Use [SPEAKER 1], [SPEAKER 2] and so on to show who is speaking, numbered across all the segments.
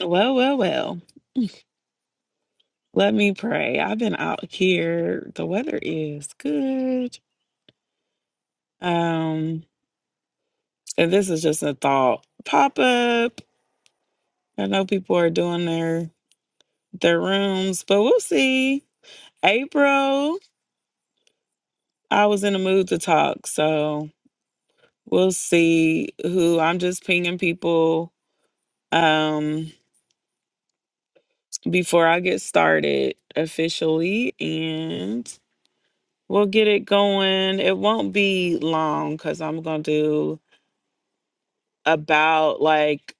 [SPEAKER 1] Well, well, well. Let me pray. I've been out here. The weather is good. Um, and this is just a thought pop up. I know people are doing their their rooms, but we'll see. April, I was in a mood to talk, so we'll see who I'm just pinging people um before I get started officially and we'll get it going. It won't be long because I'm gonna do about like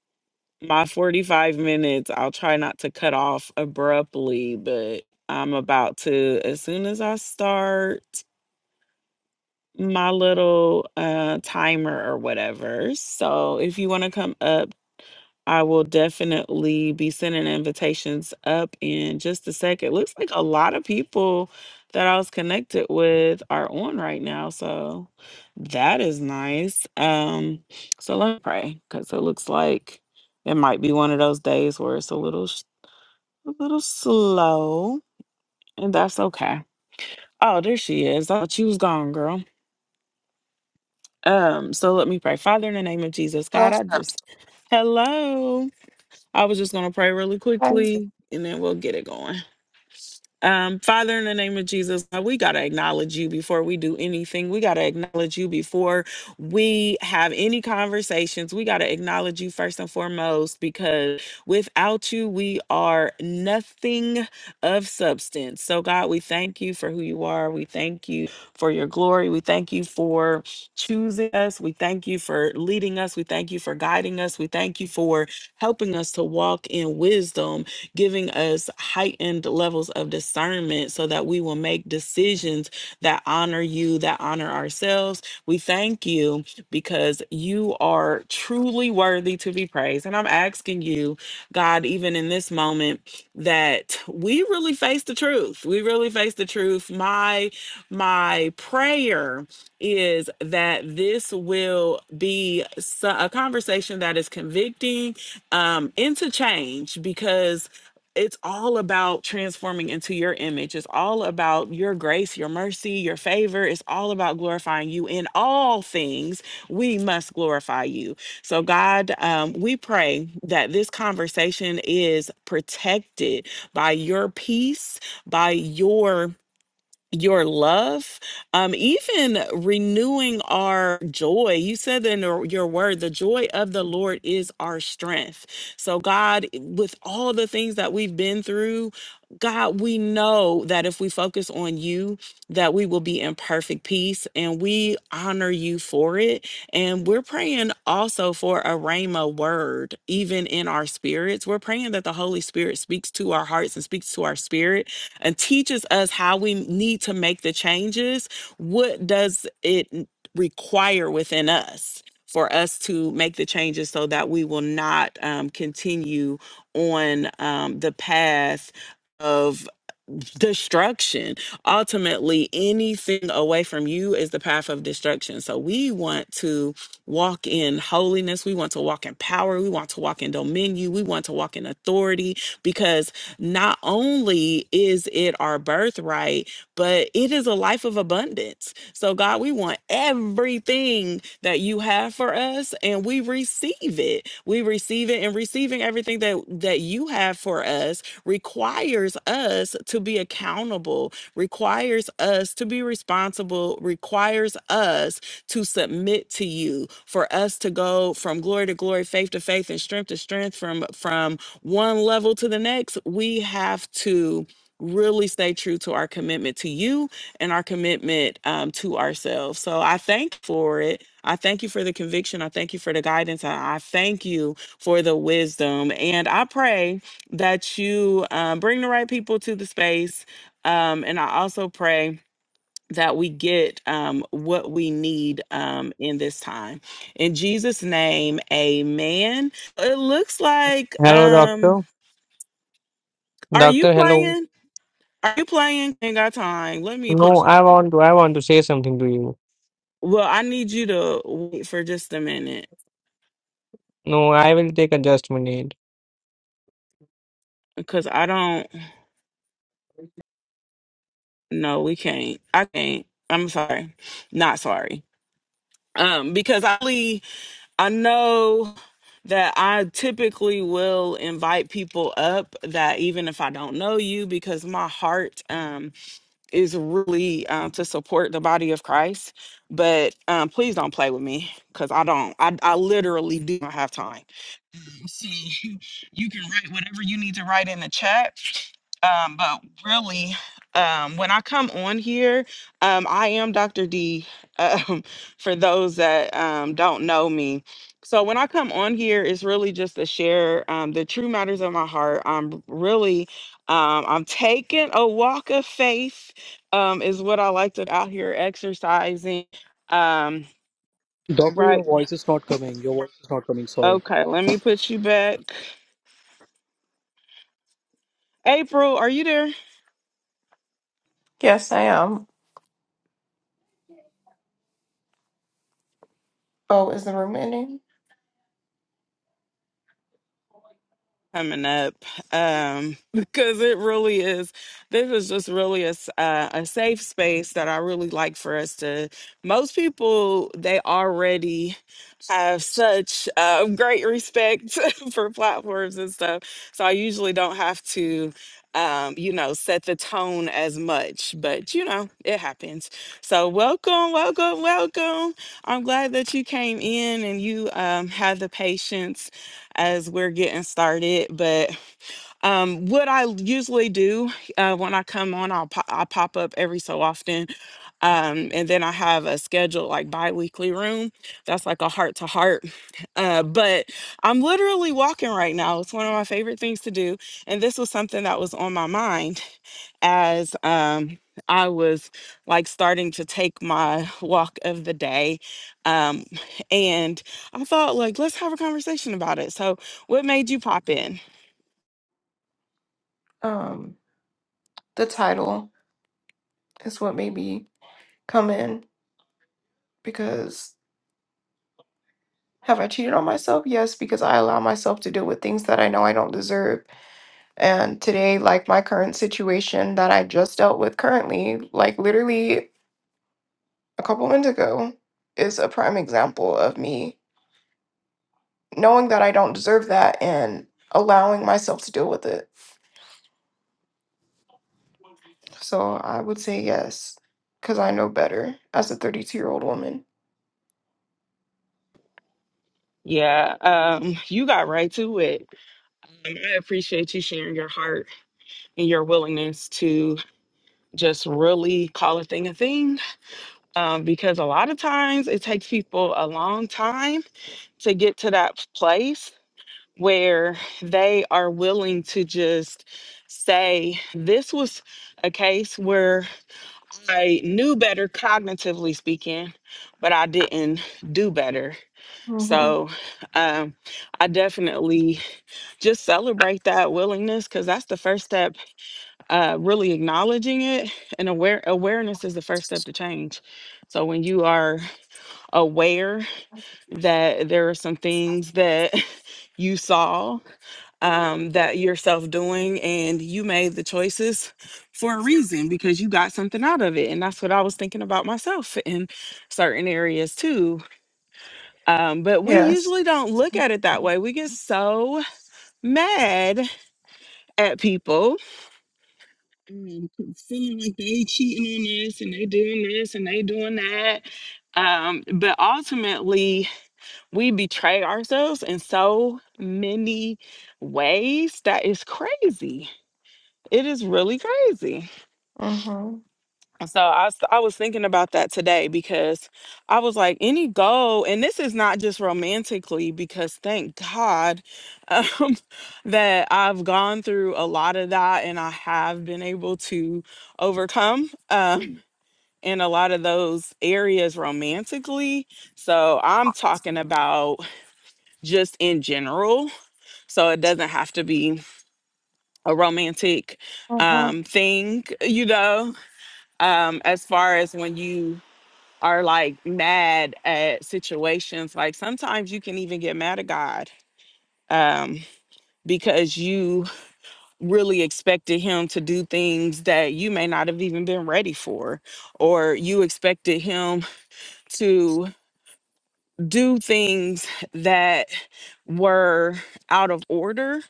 [SPEAKER 1] my 45 minutes. I'll try not to cut off abruptly, but I'm about to, as soon as I start my little uh, timer or whatever. So if you want to come up, I will definitely be sending invitations up in just a second. Looks like a lot of people that I was connected with are on right now. So that is nice. Um, so let me pray because it looks like it might be one of those days where it's a little, s- a little slow, and that's okay. Oh, there she is. I thought she was gone, girl. Um, so let me pray. Father, in the name of Jesus, God,
[SPEAKER 2] left.
[SPEAKER 1] I just hello. I was just gonna pray really quickly, and then we'll get it going. Um, Father, in the name of Jesus, God, we got to acknowledge you before we do anything. We got to acknowledge you before we have any conversations. We got to acknowledge you first and foremost because without you, we are nothing of substance. So, God, we thank you for who you are. We thank you for your glory. We thank you for choosing us. We thank you for leading us. We thank you for guiding us. We thank you for helping us to walk in wisdom giving us heightened levels of discernment so that we will make decisions that honor you, that honor ourselves. We thank you because you are truly worthy to be praised. And I'm asking you, God, even in this moment, that we really face the truth. We really face the truth. My my prayer is that this will be so- a conversation that is convicting um, into change because it's all about transforming into your image. It's all about your grace, your mercy, your favor. It's all about glorifying you in all things. We must glorify you. So, God, um, we pray that this conversation is protected by your peace, by your your love, um, even renewing our joy. You said in your your word, the joy of the Lord is our strength. So, God, with all the things that we've been through, God, we know that if we focus on you, that we will be in perfect peace and we honor you for it. And we're praying also for a Rhema word, even in our spirits. We're praying that the Holy Spirit speaks to our hearts and speaks to our spirit and teaches us how we need to make the changes, what does it require within us for us to make the changes so that we will not um, continue on um, the path of destruction. Ultimately, anything away from you is the path of destruction. So we want to walk in holiness. We want to walk in power. We want to walk in dominion. We want to walk in authority because not only is it our birthright, but it is a life of abundance. So, God, we want everything that you have for us and we receive it. We receive it and receiving everything that, that you have for us requires us to be accountable, requires us to be responsible, requires us to submit to you, for us to go from glory to glory, faith to faith, and strength to strength, from, from one level to the next, we have to really stay true to our commitment to you and our commitment um, to ourselves. So I thank you for it. I thank you for the conviction. I thank you for the guidance. I, I thank you for the wisdom. And I pray that you um, bring the right people to the space. Um, and I also pray that we get um, what we need um, in this time. In Jesus' name, amen. It looks like.
[SPEAKER 3] Hello,
[SPEAKER 1] Um,
[SPEAKER 3] doctor.
[SPEAKER 1] are you
[SPEAKER 3] Doctor, hello.
[SPEAKER 1] playing? Are you playing? Ain't got time. Let me put
[SPEAKER 3] No,
[SPEAKER 1] you
[SPEAKER 3] I
[SPEAKER 1] back.
[SPEAKER 3] want to. I want to say something to you.
[SPEAKER 1] Well, I need you to wait for just a minute
[SPEAKER 3] No, I will take adjustment aid.
[SPEAKER 1] because I don't. No, we can't. I can't. I'm sorry. Not sorry. Um, because I really, I know that I typically will invite people up that even if I don't know you, because my heart, um. is really um, to support the body of Christ. But um, please don't play with me because I don't. I, I literally do not have time. Um, see, you can write whatever you need to write in the chat. Um, but really, um, when I come on here, um, I am Dr. D. Um, for those that um, don't know me. So when I come on here, it's really just to share um, the true matters of my heart. I'm really um, I'm taking a walk of faith um, is what I like to out here exercising. Um,
[SPEAKER 4] Doctor, your
[SPEAKER 1] right.
[SPEAKER 4] voice is not coming. Your voice is not coming. Sorry.
[SPEAKER 1] Okay, let me put you back. April, are you there?
[SPEAKER 2] Yes, I am. Oh, is the room ending?
[SPEAKER 1] Coming up, um, because it really is. This is just really a s- uh, a safe space that I really like for us to. Most people they already have such uh, great respect for platforms and stuff. So I usually don't have to, um, you know, set the tone as much, but you know, it happens. So welcome, welcome, welcome. I'm glad that you came in and you um, had the patience as we're getting started. But um, what I usually do uh, when I come on, I'll po- I pop up every so often, um, and then I have a scheduled like bi-weekly room. That's like a heart to heart. Uh, But I'm literally walking right now. It's one of my favorite things to do, and this was something that was on my mind as um, I was like starting to take my walk of the day, um, and I thought like let's have a conversation about it. So, what made you pop in?
[SPEAKER 2] Um, the title is what made me come in because have I cheated on myself? Yes, because I allow myself to deal with things that I know I don't deserve. And today, like my current situation that I just dealt with currently, like literally a couple minutes ago, is a prime example of me knowing that I don't deserve that and allowing myself to deal with it. So I would say yes, because I know better as a 32 year old woman.
[SPEAKER 1] Yeah, um, you got right to it. Um, I appreciate you sharing your heart and your willingness to just really call a thing a thing. Um, because a lot of times it takes people a long time to get to that place where they are willing to just say, This was a case where I knew better cognitively speaking, but I didn't do better.
[SPEAKER 2] hmm
[SPEAKER 1] So um, I definitely just celebrate that willingness because that's the first step uh really acknowledging it and aware awareness is the first step to change so when you are aware that there are some things that you saw um that yourself doing and you made the choices for a reason because you got something out of it and that's what i was thinking about myself in certain areas too um but we
[SPEAKER 2] Yes.
[SPEAKER 1] usually don't look at it that way we get so mad at people um, feeling like they cheating on us and they doing this and they doing that. Um, but ultimately, we betray ourselves in so many ways that is crazy. It is really crazy.
[SPEAKER 2] hmm
[SPEAKER 1] So I, was- I was thinking about that today because I was like, any goal, and this is not just romantically, because thank God um, that I've gone through a lot of that and I have been able to overcome. Um, in a lot of those areas romantically. So I'm talking about just in general. So it doesn't have to be a romantic
[SPEAKER 2] hmm
[SPEAKER 1] um, thing, you know, um, as far as when you are like mad at situations, like sometimes you can even get mad at God. Um, because you really expected him to do things that you may not have even been ready for, or you expected him to do things that were out of order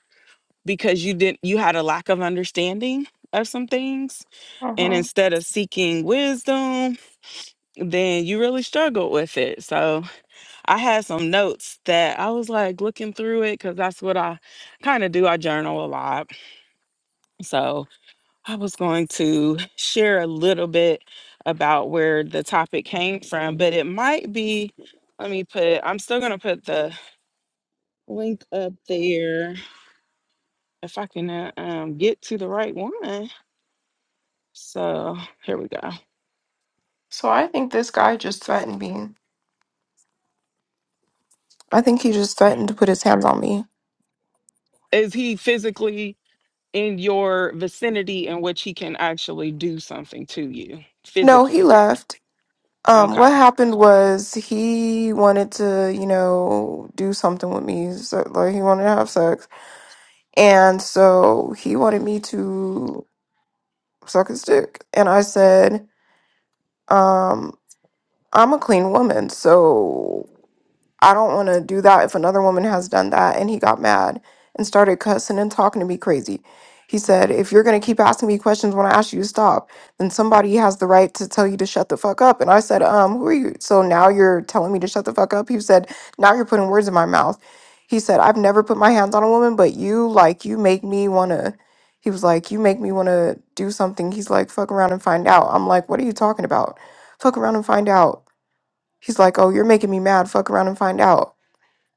[SPEAKER 1] because you didn't you had a lack of understanding of some things and
[SPEAKER 2] hmm
[SPEAKER 1] instead of seeking wisdom then you really struggled with it so i had some notes that i was like looking through it because that's what i kind of do i journal a lot so i was going to share a little bit about where the topic came from but it might be let me put i'm still going to put the link up there if I can uh, um, get to the right one. So here we go.
[SPEAKER 2] So I think this guy just threatened me. I think he just threatened to put his hands on me.
[SPEAKER 1] Is he physically in your vicinity in which he can actually do something to you
[SPEAKER 2] No, he
[SPEAKER 1] physically?
[SPEAKER 2] left. Um,
[SPEAKER 1] Okay.
[SPEAKER 2] what happened was he wanted to, you know, do something with me. So, like he wanted to have sex, and so he wanted me to suck his dick, and I said, um. I'm a clean woman, so I don't want to do that if another woman has done that. And he got mad and started cussing and talking to me crazy. He said, If you're going to keep asking me questions when I ask you to stop, then somebody has the right to tell you to shut the fuck up. And I said, Um, who are you? So now you're telling me to shut the fuck up? He said, Now you're putting words in my mouth. He said, I've never put my hands on a woman, but you, like, you make me want to. He was like, You make me want to do something. He's like, Fuck around and find out. I'm like, What are you talking about? Fuck around and find out He's like, "Oh, you're making me mad. Fuck around and find out."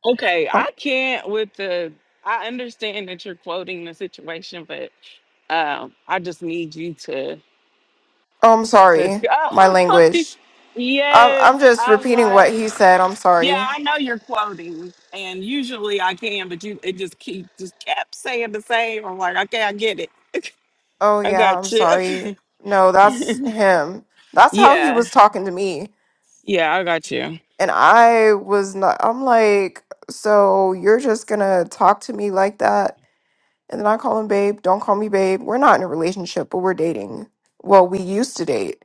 [SPEAKER 1] Okay.
[SPEAKER 2] Oh,
[SPEAKER 1] I can't with the, I understand that you're quoting the situation, but um, I just need you to,
[SPEAKER 2] oh, I'm
[SPEAKER 1] to,
[SPEAKER 2] sorry. My
[SPEAKER 1] oh, i
[SPEAKER 2] language. I'm
[SPEAKER 1] yes.
[SPEAKER 2] I'm just
[SPEAKER 1] I'm
[SPEAKER 2] repeating what
[SPEAKER 1] like,
[SPEAKER 2] he said. I'm
[SPEAKER 1] Yeah,
[SPEAKER 2] sorry.
[SPEAKER 1] I know you're quoting, and usually I can, but you it just keep just kept saying the same. I'm like, okay, I get it.
[SPEAKER 2] Oh
[SPEAKER 1] I
[SPEAKER 2] yeah, I'm
[SPEAKER 1] got you.
[SPEAKER 2] sorry. No, that's him. That's how he
[SPEAKER 1] yeah,
[SPEAKER 2] was talking to me,
[SPEAKER 1] yeah, I got you.
[SPEAKER 2] and I was not. I'm like, so you're just gonna talk to me like that, and then I call him babe. Don't call me babe. We're not in a relationship, but we're dating. Well, we used to date.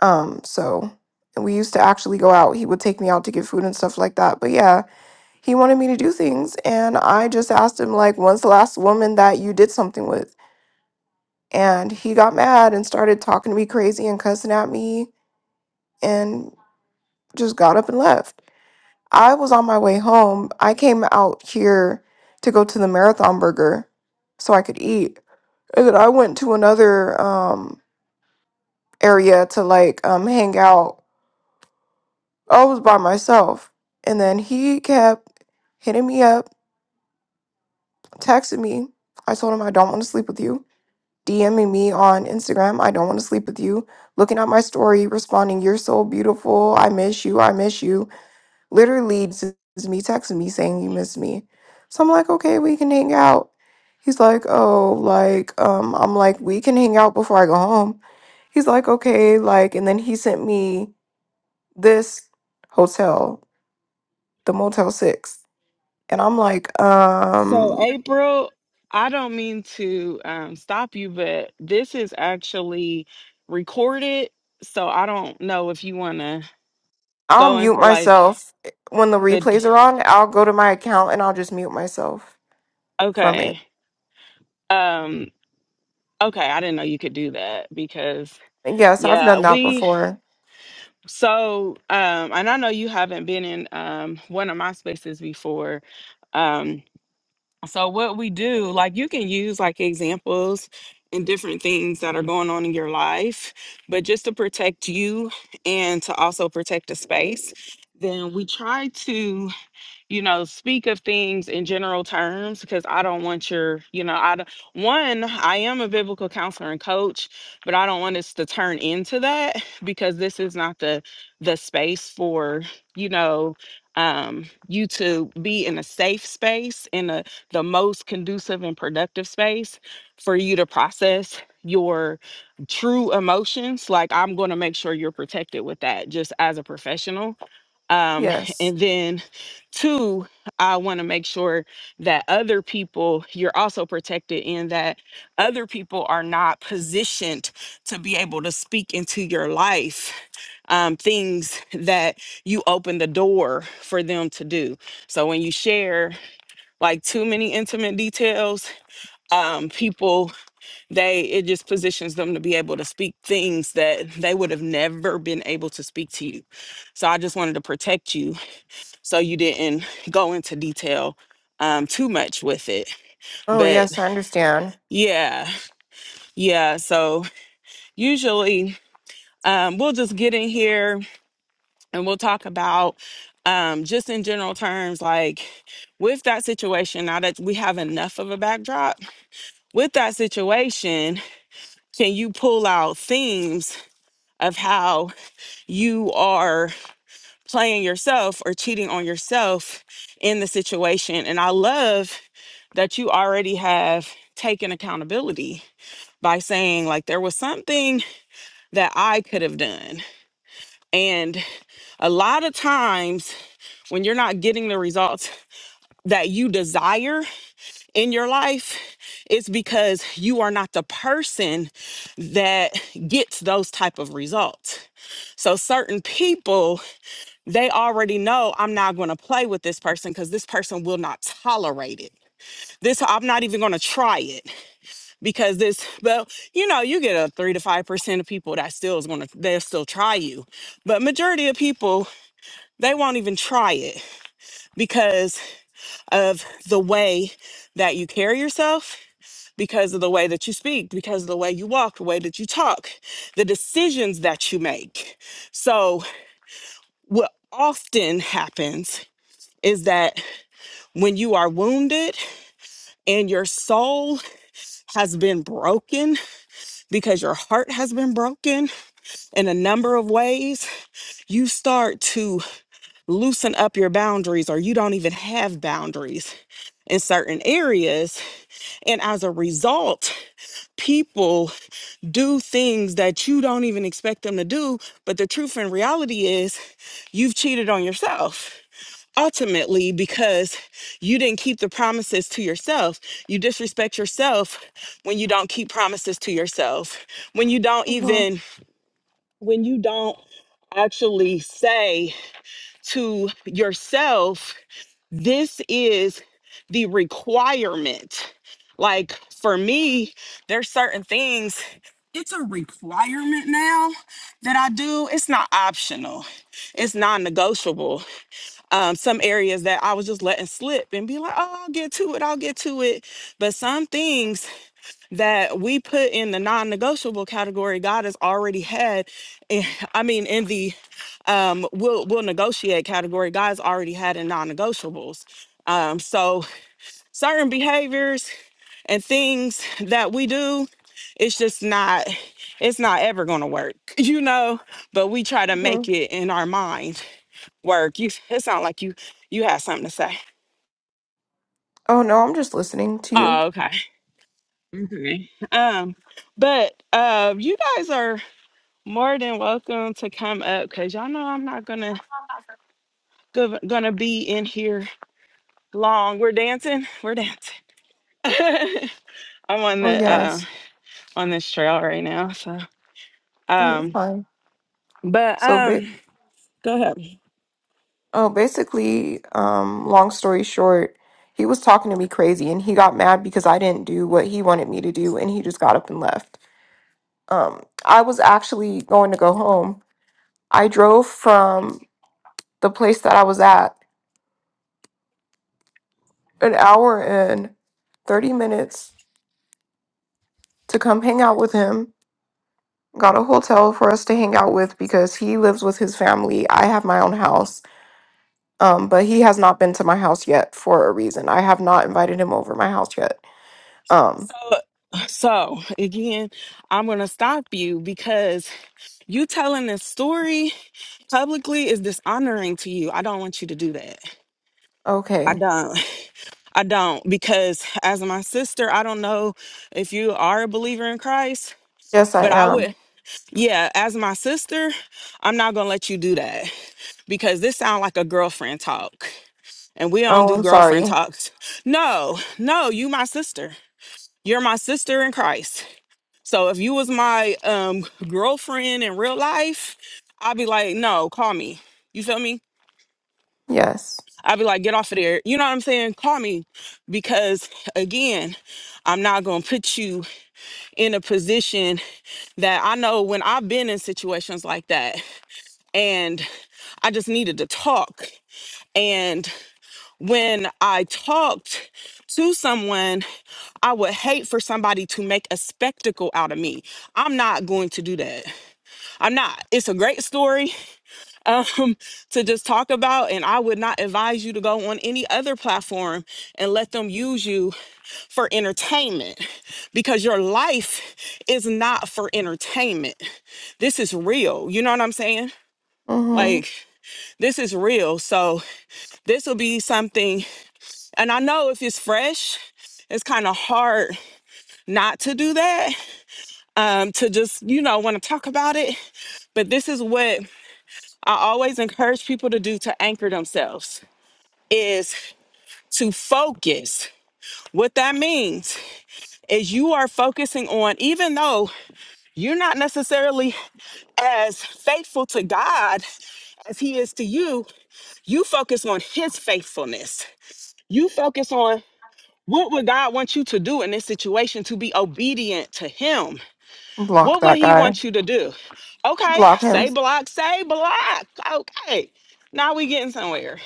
[SPEAKER 2] Um, so. And we used to actually go out. He would take me out to get food and stuff like that. But yeah, He wanted me to do things, and I just asked him like, "When's the last woman that you did something with?" And he got mad and started talking to me crazy and cussing at me, and just got up and left. I was on my way home. I came out here to go to the marathon burger so I could eat, and then I went to another um, area to like um, hang out. I was by myself, and then he kept hitting me up, texting me. I told him I don't want to sleep with you. DMing me on Instagram. I don't want to sleep with you. Looking at my story, responding, You're so beautiful. I miss you. I miss you. Literally, this is me texting me saying you miss me. So I'm like, Okay, we can hang out. He's like, Oh, like, um, I'm like, We can hang out before I go home. He's like, Okay, like, and then he sent me this hotel, the Motel 6. And I'm like, um,
[SPEAKER 1] So April, I don't mean to um, stop you, but this is actually recorded, so I don't know if you want to
[SPEAKER 2] I'll
[SPEAKER 1] go
[SPEAKER 2] mute
[SPEAKER 1] into like
[SPEAKER 2] myself eh, when the
[SPEAKER 1] the
[SPEAKER 2] replays
[SPEAKER 1] d-
[SPEAKER 2] are on. I'll go to my account and I'll just mute myself from it.
[SPEAKER 1] okay, um, okay. I didn't know you could do that because
[SPEAKER 2] Yes, I've
[SPEAKER 1] yeah,
[SPEAKER 2] done that
[SPEAKER 1] we
[SPEAKER 2] before.
[SPEAKER 1] So, um, and I know you haven't been in um, one of my spaces before. Um, so, what we do, like, you can use like examples and different things that are going on in your life, but just to protect you and to also protect the space, then we try to you know, speak of things in general terms because I don't want your, you know, I don't, one, I am a biblical counselor and coach, but I don't want us to turn into that because this is not the the space for, you know, um you to be in a safe space in a the most conducive and productive space for you to process your true emotions like i'm going to make sure you're protected with that just as a professional um,
[SPEAKER 2] Yes.
[SPEAKER 1] and then, two, I want to make sure that other people, you're also protected in that other people are not positioned to be able to speak into your life um, things that you open the door for them to do. So when you share like too many intimate details, um, people they it just positions them to be able to speak things that they would have never been able to speak to you. So I just wanted to protect you so you didn't go into detail um, too much with it.
[SPEAKER 2] Oh,
[SPEAKER 1] But
[SPEAKER 2] yes, I understand.
[SPEAKER 1] yeah, yeah. So usually um, we'll just get in here and we'll talk about um, just in general terms, like with that situation, now that we have enough of a backdrop, with that situation, can you pull out themes of how you are? playing yourself or cheating on yourself in the situation. And I love that you already have taken accountability by saying, like, there was something that I could have done. And a lot of times when you're not getting the results that you desire in your life, it's because you are not the person that gets those type of results. So certain people they already know I'm not going to play with this person because this person will not tolerate it. This I'm not even going to try it because this. Well, you know, you get a three to five percent of people that still is going to they'll still try you, but majority of people they won't even try it because of the way that you carry yourself. Because of the way that you speak, because of the way you walk, the way that you talk, the decisions that you make. So, what often happens is that When you are wounded and your soul has been broken because your heart has been broken in a number of ways, you start to loosen up your boundaries or you don't even have boundaries in certain areas. And as a result, people do things that you don't even expect them to do. But the truth and reality is, you've cheated on yourself ultimately because you didn't keep the promises to yourself. You disrespect yourself when you don't keep promises to yourself. When you don't
[SPEAKER 2] hmm
[SPEAKER 1] even when you don't actually say to yourself, this is the requirement. Like for me, there's certain things it's a requirement now that I do. It's not optional. It's non-negotiable um, some areas that I was just letting slip and be like, oh, I'll get to it, I'll get to it. But some things that we put in the non negotiable category, God has already had, in- I mean, in the um, we'll, we'll negotiate category, God's already had in non negotiables. Um, so certain behaviors and things that we do, it's just not it's not ever going to work you know but we try to
[SPEAKER 2] hmm
[SPEAKER 1] make it in our mind work you it sound like you you had something to say
[SPEAKER 2] Oh, no, I'm just listening to
[SPEAKER 1] Oh,
[SPEAKER 2] you.
[SPEAKER 1] okay. Okay. Um, but uh, you guys are more than welcome to come up because y'all know I'm not gonna go, gonna be in here long. We're dancing. We're dancing. I'm on
[SPEAKER 2] Oh,
[SPEAKER 1] the uh,
[SPEAKER 2] yes.
[SPEAKER 1] on this trail right now. So,
[SPEAKER 2] Oh, you're
[SPEAKER 1] um,
[SPEAKER 2] fine.
[SPEAKER 1] but
[SPEAKER 2] So, ba-
[SPEAKER 1] um, go ahead.
[SPEAKER 2] oh, basically, um, long story short, he was talking to me crazy and he got mad because I didn't do what he wanted me to do and he just got up and left. Um, I was actually going to go home. I drove from the place that I was at an hour and 30 minutes to come hang out with him. Got a hotel for us to hang out with because he lives with his family. I have my own house, um, but he has not been to my house yet for a reason. I have not invited him over my house yet. Um,
[SPEAKER 1] So, so again, I'm gonna stop you because you telling this story publicly is dishonoring to you. I don't want you to do that. I
[SPEAKER 2] okay.
[SPEAKER 1] don't. I don't because as my sister, I don't know if you are a believer in Christ,
[SPEAKER 2] Yes, I
[SPEAKER 1] but I
[SPEAKER 2] am.
[SPEAKER 1] would yeah, as my sister, I'm not going to let you do that because this sounds like a girlfriend talk. And we don't
[SPEAKER 2] Oh,
[SPEAKER 1] do
[SPEAKER 2] I'm
[SPEAKER 1] girlfriend
[SPEAKER 2] sorry.
[SPEAKER 1] talks. No, no, you my sister. You're my sister in Christ. So if you was my um girlfriend in real life, I'd be like, "No, call me." You feel me?
[SPEAKER 2] Yes.
[SPEAKER 1] I'd be like, get off of there. You know what I'm saying? Call me because, again, I'm not going to put you in a position that I know when I've been in situations like that and I just needed to talk. And when I talked to someone, I would hate for somebody to make a spectacle out of me. I'm not going to do that. I'm not. It's a great story. um, to just talk about. And I would not advise you to go on any other platform and let them use you for entertainment because your life is not for entertainment. This is real. You know what I'm saying?
[SPEAKER 2] Mm-hmm.
[SPEAKER 1] Like, this is real. So, this will be something. And I know if it's fresh, it's kind of hard not to do that, um, to just, you know, want to talk about it. But this is what I always encourage people to do to anchor themselves is. to focus. What that means is you are focusing on, even though you're not necessarily as faithful to God as He is to you, you focus on His faithfulness. You focus on what would God want you to do in this situation to be obedient to Him?
[SPEAKER 2] Block
[SPEAKER 1] What would
[SPEAKER 2] that
[SPEAKER 1] He
[SPEAKER 2] guy.
[SPEAKER 1] want you to do? Okay,
[SPEAKER 2] Block him.
[SPEAKER 1] say block, say block. Okay, now we getting somewhere.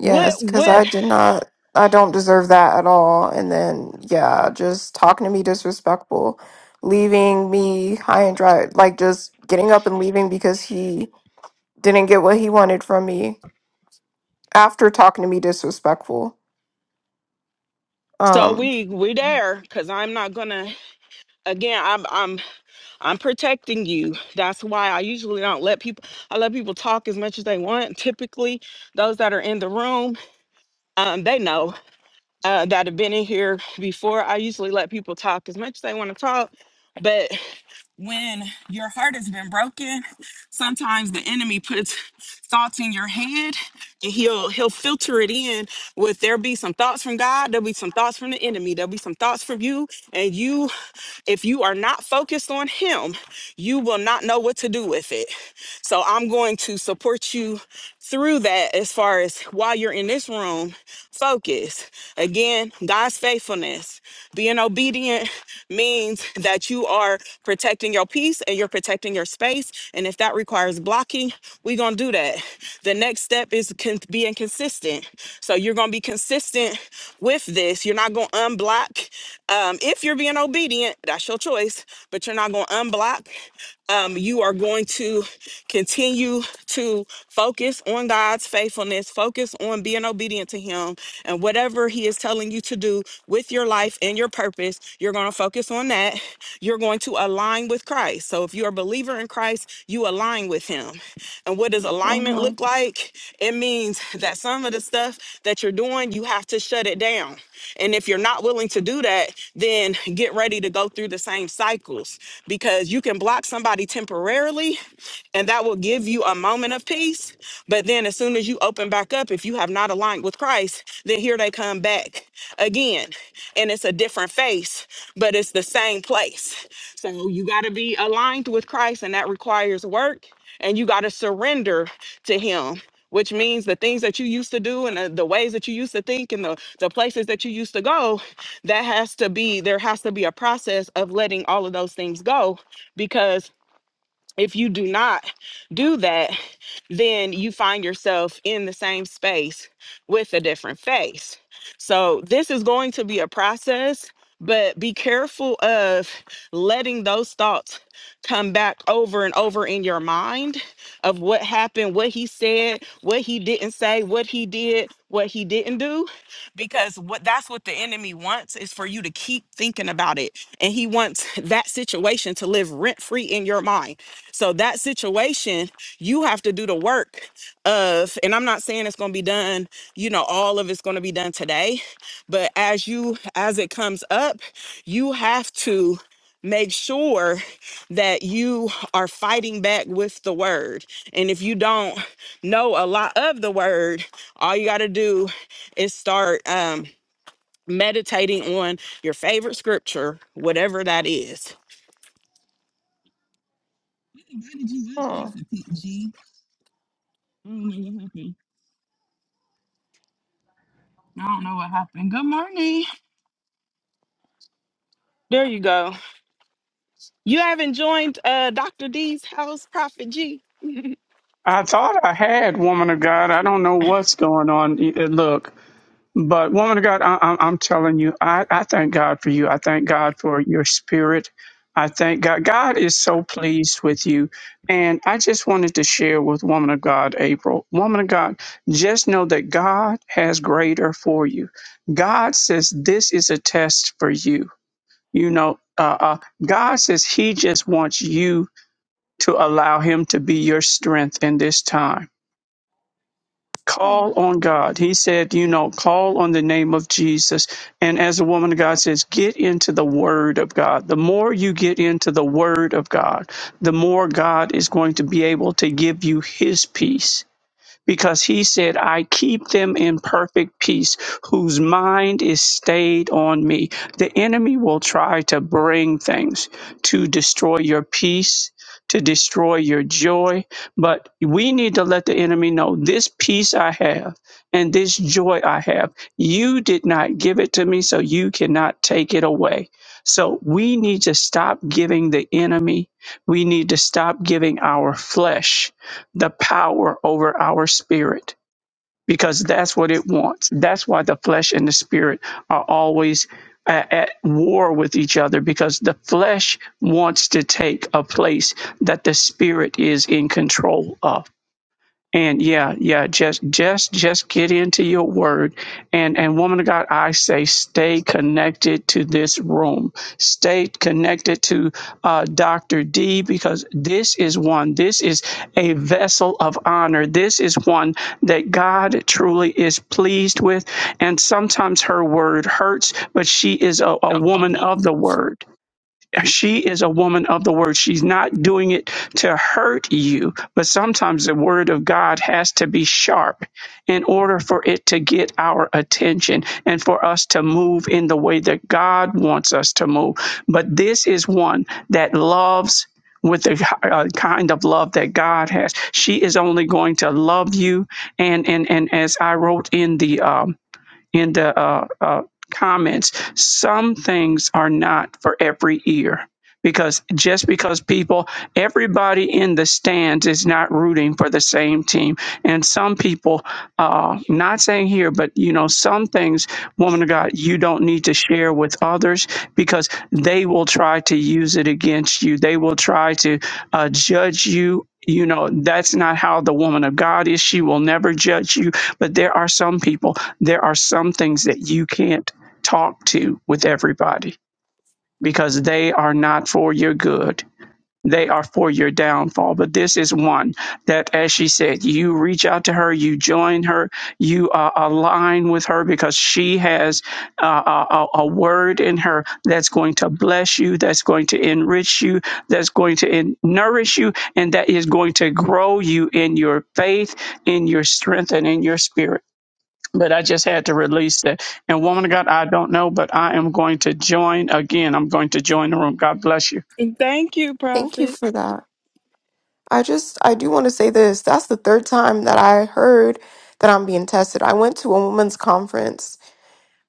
[SPEAKER 1] What,
[SPEAKER 2] because
[SPEAKER 1] what?
[SPEAKER 2] I did not, I don't deserve that at all. And then, yeah, just talking to me disrespectful, leaving me high and dry, like just getting up and leaving because he didn't get what he wanted from me after talking to me disrespectful.
[SPEAKER 1] So
[SPEAKER 2] Um,
[SPEAKER 1] we we
[SPEAKER 2] mhm.
[SPEAKER 1] there because I'm not gonna again. I'm I'm I'm protecting you. That's why I usually don't let people. I let people talk as much as they want. Typically, those that are in the room, um, they know uh, that have been in here before. I usually let people talk as much as they want to talk. But when your heart has been broken, sometimes the enemy puts thoughts in your head, and he'll he'll filter it in. With there be some thoughts from God, there'll be some thoughts from the enemy, there'll be some thoughts from you, and you if you are not focused on Him, you will not know what to do with it. So I'm going to support you through that as far as while you're in this room, focus. Again, God's faithfulness. Being obedient means that you are protecting your peace and you're protecting your space. And if that requires blocking, we're going to do that. The next step is con- being consistent. So you're going to be consistent with this. You're not going to unblock. Um, if you're being obedient, that's your choice, but you're not going to unblock. Um, you are going to continue to focus on God's faithfulness, focus on being obedient to Him, and whatever He is telling you to do with your life and your purpose, you're going to focus on that. You're going to align with Christ. So if you're a believer in Christ, Christ, you align with him. And what does alignment look like? It means that some of the stuff that you're doing, you have to shut it down. And if you're not willing to do that, then get ready to go through the same cycles because you can block somebody temporarily, and that will give you a moment of peace. But then, as soon as you open back up, if you have not aligned with Christ, then here they come back again, and it's a different face, but it's the same place. So, you got to be aligned with Christ, and that requires work, and you got to surrender to Him. Which means the things that you used to do and the, the ways that you used to think and the, the places that you used to go, that has to be, there has to be a process of letting all of those things go because if you do not do that, then you find yourself in the same space with a different face. So, this is going to be a process, but be careful of letting those thoughts come back over and over in your mind of what happened, what he said, what he didn't say, what he did, what he didn't do, because what that's what the enemy wants is for you to keep thinking about it. And he wants that situation to live rent free in your mind so that situation, you have to do the work of, and I'm not saying it's going to be done, you know, all of it's going to be done today, but as you, as it comes up, you have to make sure that you are fighting back with the word. And if you don't know a lot of the word, all you got to do is start, um, meditating on your favorite scripture whatever that is
[SPEAKER 2] Hmm.
[SPEAKER 1] Mhm. I don't know what happened. Good morning. There you go. You haven't joined uh, Dr. D's house, Prophet G.
[SPEAKER 5] I thought I had woman of God. I don't know what's going on. Y- uh, Look, but woman of God, I, I'm, I'm telling you, I, I thank God for you. I thank God for your spirit. I thank God. God is so pleased with you. And I just wanted to share with woman of God, April. Woman of God, just know that God has greater for you. God says this is a test for you. You know, uh, uh, God says He just wants you to allow Him to be your strength in this time
[SPEAKER 2] Hmm.
[SPEAKER 5] Call on God. He said, you know, call on the name of Jesus. And as a woman of God says, get into the word of God. The more you get into the word of God, the more God is going to be able to give you his peace because he said, I keep them in perfect peace, whose mind is stayed on me. The enemy will try to bring things to destroy your peace, to destroy your joy, but we need to let the enemy know this peace I have and this joy I have. You did not give it to me, so you cannot take it away. So we need to stop giving the enemy, we need to stop giving our flesh the power over our spirit because that's what it wants. That's why the flesh and the spirit are always a- at war with each other because the flesh wants to take a place that the spirit is in control of. And yeah, yeah, just just just get into your word. And and woman of God, I say stay connected to this room. Stay connected to uh, Dr. D because this is one, this is a vessel of honor. This is one that God truly is pleased with. And sometimes her word hurts, but she is a, a woman of the word she is a woman of the word. She's not doing it to hurt you, but sometimes the word of God has to be sharp in order for it to get our attention and for us to move in the way that God wants us to move. But this is one that loves with the uh, kind of love that God has. She is only going to love you and and and as I wrote in the um in the uh, uh comments, some things are not for every ear because just because people everybody in the stands is not rooting for the same team and some people uh not saying here but you know some things woman of god you don't need to share with others because they will try to use it against you they will try to uh, judge you you know that's not how the woman of god is she will never judge you but there are some people there are some things that you can't talk to with everybody because they are not for your good. They are for your downfall. But this is one that, as she said, you reach out to her, you join her, you uh, align with her because she has uh, a, a a word in her that's going to bless you, that's going to enrich you, that's going to en- nourish you, and that is going to grow you in your faith, in your strength, and in your spirit but I just had to release that. And woman of God, I don't know, but I am going to join again. I'm going to join the room. God bless you.
[SPEAKER 1] Thank you,
[SPEAKER 2] Thank you
[SPEAKER 1] Prophet.
[SPEAKER 2] for that. I just, I do want to say this. That's the third time that I heard that I'm being tested. I went to a women's conference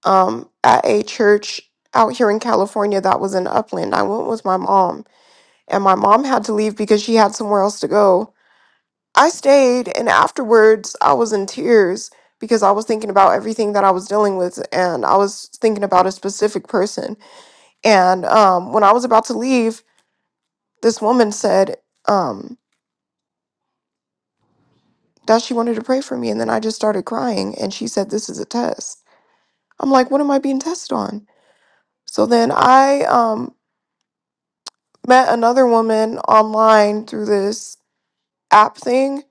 [SPEAKER 2] um, at a church out here in California that was in Upland. I went with my mom, and my mom had to leave because she had somewhere else to go. I stayed, and afterwards, I was in tears because I was thinking about everything that I was dealing with, and I was thinking about a specific person. And um, when I was about to leave, this woman said, um, that she wanted to pray for me. And then I just started crying. And she said, This is a test. I'm like, What am I being tested on? So then I um, met another woman online through this app thing.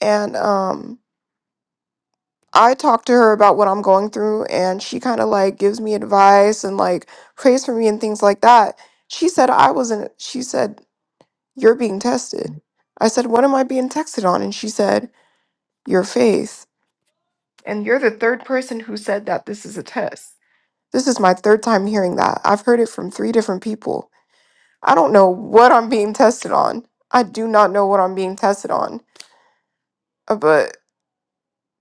[SPEAKER 2] And um, I talked to her about what I'm going through. And she kind of like gives me advice and like prays for me and things like that. She said, I wasn't, she said, You're being tested. I said, What am I being tested on? And she said, Your faith. And you're the third person who said that this is a test. This is my third time hearing that. I've heard it from three different people. I don't know what I'm being tested on. I do not know what I'm being tested on. Uh, But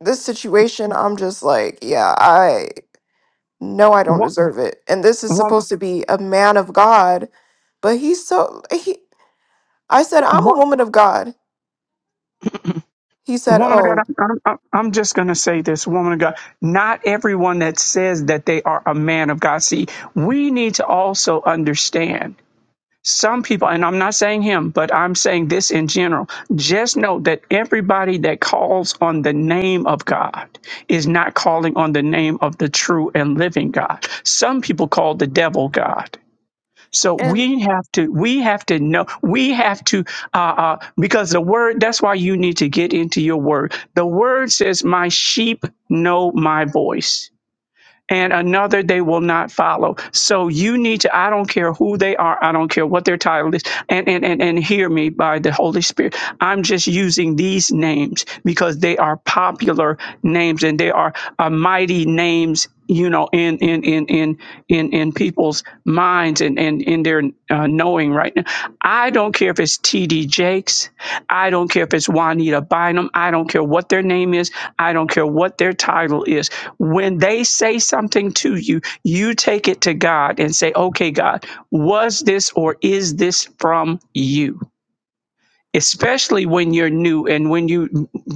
[SPEAKER 2] this situation, I'm just like, yeah, I know I don't
[SPEAKER 5] What,
[SPEAKER 2] deserve it. And this is
[SPEAKER 5] what,
[SPEAKER 2] supposed to be a man of God, but he's so he I said, I'm a
[SPEAKER 5] what,
[SPEAKER 2] woman of God. He said,
[SPEAKER 5] woman of God,
[SPEAKER 2] Oh,
[SPEAKER 5] I'm, I'm, I'm just going to say this, woman of God. Not everyone that says that they are a man of God. See, we need to also understand some people, and I'm not saying him, but I'm saying this in general, just know that everybody that calls on the name of God is not calling on the name of the true and living God. Some people call the devil God. So
[SPEAKER 2] And
[SPEAKER 5] we have to we have to know we have to uh, uh, because the word that's why you need to get into your word. The word says, "My sheep know my voice." and another they will not follow. So you need to, I don't care who they are, I don't care what their title is, and and and, and hear me by the Holy Spirit. I'm just using these names because they are popular names and they are uh, mighty names, you know, in in in in in in people's minds minds and, and in their uh, knowing right now. I don't care if it's TD Jakes. I don't care if it's Juanita Bynum. I don't care what their name is. I don't care what their title is. When they say something to you, you take it to God and say, okay, God, was this or is this from you? especially when you're new and when you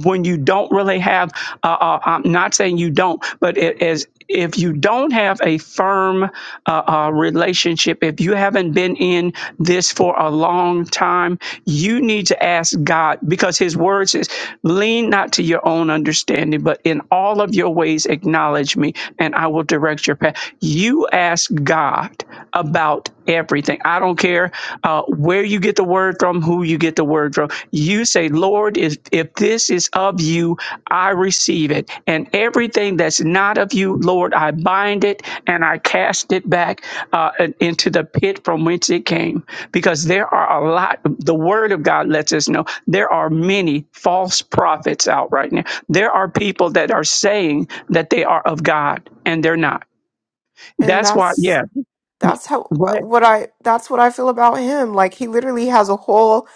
[SPEAKER 5] when you don't really have uh, uh, i'm not saying you don't but it, as if you don't have a firm uh, uh, relationship if you haven't been in this for a long time you need to ask god because his word says lean not to your own understanding but in all of your ways acknowledge." acknowledge me and I will direct your path. You ask God about everything. I don't care uh, where you get the word from, who you get the word from. You say, Lord, if, if this is of you, I receive it. And everything that's not of you, Lord, I bind it and I cast it back uh, and into the pit from whence it came. Because there are a lot, the word of God lets us know there are many false prophets out right now there are people that are saying that they are of God and they're not.
[SPEAKER 2] and
[SPEAKER 5] That's why,
[SPEAKER 2] that's
[SPEAKER 5] yeah.
[SPEAKER 2] that's how uh,
[SPEAKER 5] Right.
[SPEAKER 2] what I that's what I feel about him. Like he literally has a whole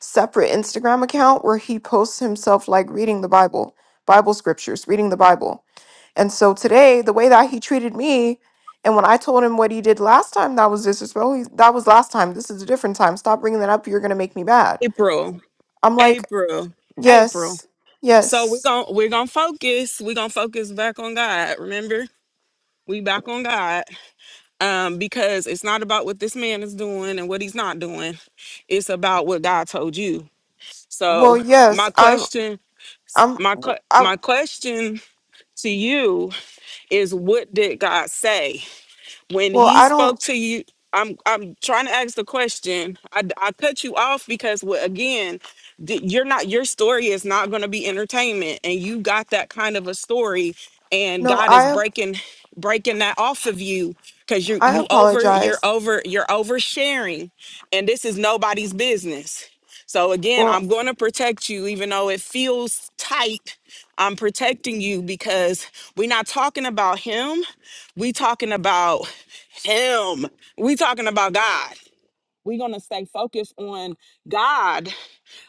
[SPEAKER 2] separate Instagram account where he posts himself like reading the Bible, Bible scriptures, reading the Bible. And so today, the way that he treated me, and when I told him what he did last time, that was disrespectful. he- That was last time. This is a different time. Stop bringing that up. You're gonna make me mad.
[SPEAKER 1] April.
[SPEAKER 2] I'm like,
[SPEAKER 1] April. April.
[SPEAKER 2] yes,
[SPEAKER 1] So we're
[SPEAKER 2] yes.
[SPEAKER 1] gonna we're gonna focus. We're gonna focus back on God. Remember? We back on God. Um, because it's not about what this man is doing and what he's not doing. It's about what God told you.
[SPEAKER 2] Well,
[SPEAKER 1] So
[SPEAKER 2] yes.
[SPEAKER 1] my
[SPEAKER 2] I'm.
[SPEAKER 1] question,
[SPEAKER 2] I'm.
[SPEAKER 1] my que-
[SPEAKER 2] I.
[SPEAKER 1] my question to you is what did God say? when
[SPEAKER 2] Well,
[SPEAKER 1] he
[SPEAKER 2] I don't.
[SPEAKER 1] spoke to you i'm i'm trying to ask the question i, I cut you off because well, again th- you're not your story is not going to be entertainment and you got that kind of a story and
[SPEAKER 2] know.
[SPEAKER 1] god is
[SPEAKER 2] I.
[SPEAKER 1] breaking breaking that off of you because you
[SPEAKER 2] I
[SPEAKER 1] you over you're
[SPEAKER 2] apologize.
[SPEAKER 1] over you're oversharing and this is nobody's business so again
[SPEAKER 2] Well,
[SPEAKER 1] i'm going to protect you even though it feels tight i'm protecting you because we're not talking about him we talking about him. We talking about God. We're going to stay focused on God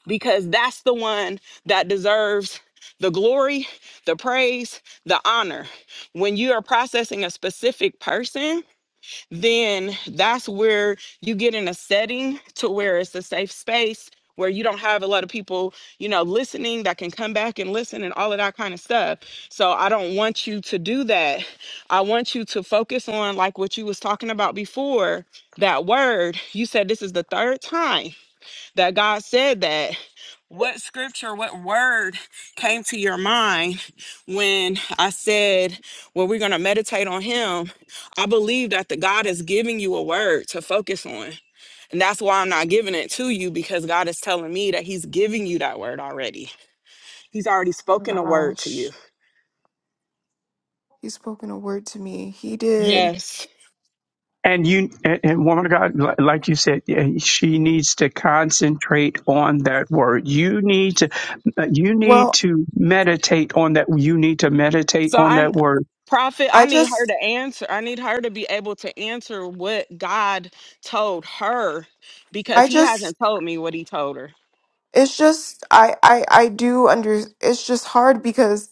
[SPEAKER 1] because that's the one that deserves the glory, the praise, the honor. When you are processing a specific person, then that's where you get in a setting to where it's a safe space where you don't have a lot of people, you know, listening that can come back and listen and all of that kind of stuff. So I don't want you to do that. I want you to focus on like what you was talking about before, that word. You said this is the third time that God said that. What scripture, what word came to your mind when I said, Well, we're going to meditate on Him? I believe that the God is giving you a word to focus on. And that's why I'm not giving it to you because God is telling me that He's giving you that word already. He's already
[SPEAKER 2] oh my
[SPEAKER 1] spoken a word to you.
[SPEAKER 2] gosh, he spoken a word to me. He did.
[SPEAKER 1] Yes.
[SPEAKER 5] And you, and, and woman of God, li- like you said, yeah, she needs to concentrate on that word. You need to, you need
[SPEAKER 2] Well,
[SPEAKER 5] to meditate on that. You need to meditate
[SPEAKER 1] So
[SPEAKER 5] on
[SPEAKER 1] I
[SPEAKER 5] that word.
[SPEAKER 1] prophet,
[SPEAKER 2] I
[SPEAKER 1] I need her
[SPEAKER 2] just.
[SPEAKER 1] to answer. I need her to be able to answer what God told her
[SPEAKER 2] I
[SPEAKER 1] because he
[SPEAKER 2] just.
[SPEAKER 1] hasn't told me what he told her.
[SPEAKER 2] It's just. I. I. I do under. It's just hard because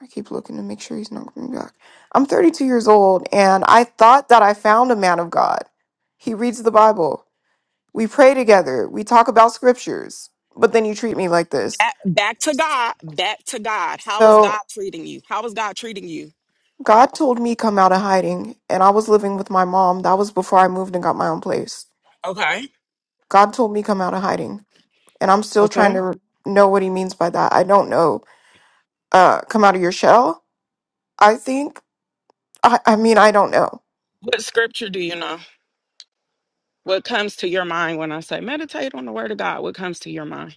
[SPEAKER 2] I keep looking to make sure he's not coming back. I'm 32 years old and I thought that I found a man of God. He reads the Bible. We pray together. We talk about scriptures. But then you treat me like this.
[SPEAKER 1] At- back to God, back to God. How is
[SPEAKER 2] So
[SPEAKER 1] God treating you? How is God treating you?
[SPEAKER 2] God told me come out of hiding and I was living with my mom. That was before I moved and got my own place.
[SPEAKER 1] Okay.
[SPEAKER 2] God told me come out of hiding and I'm still trying
[SPEAKER 1] Okay.
[SPEAKER 2] to know what he means by that. I don't know. Uh come out of your shell, I think. I I mean, I don't know.
[SPEAKER 1] What scripture do you know? What comes to your mind when I say meditate on the word of God? What comes to your mind?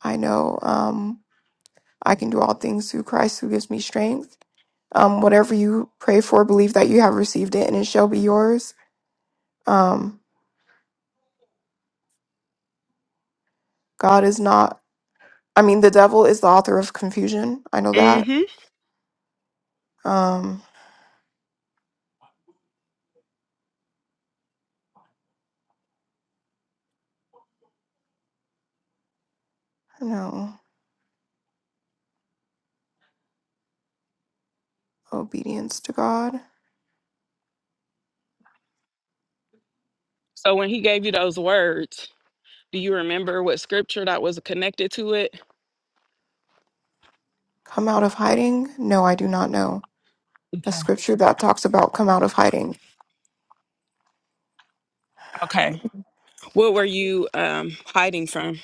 [SPEAKER 2] I know. Um. I can do all things through Christ who gives me strength. Um, whatever you pray for, believe that you have received it and it shall be yours. Um, God is not, I mean, the devil is the author of confusion. I know that.
[SPEAKER 1] hmm
[SPEAKER 2] Um, no, obedience to God.
[SPEAKER 1] So when he gave you those words, do you remember what scripture that was connected to it?
[SPEAKER 2] Come out of hiding? No, I do not know. A
[SPEAKER 1] Okay.
[SPEAKER 2] scripture that talks about come out of hiding.
[SPEAKER 1] Okay. What were you um hiding from?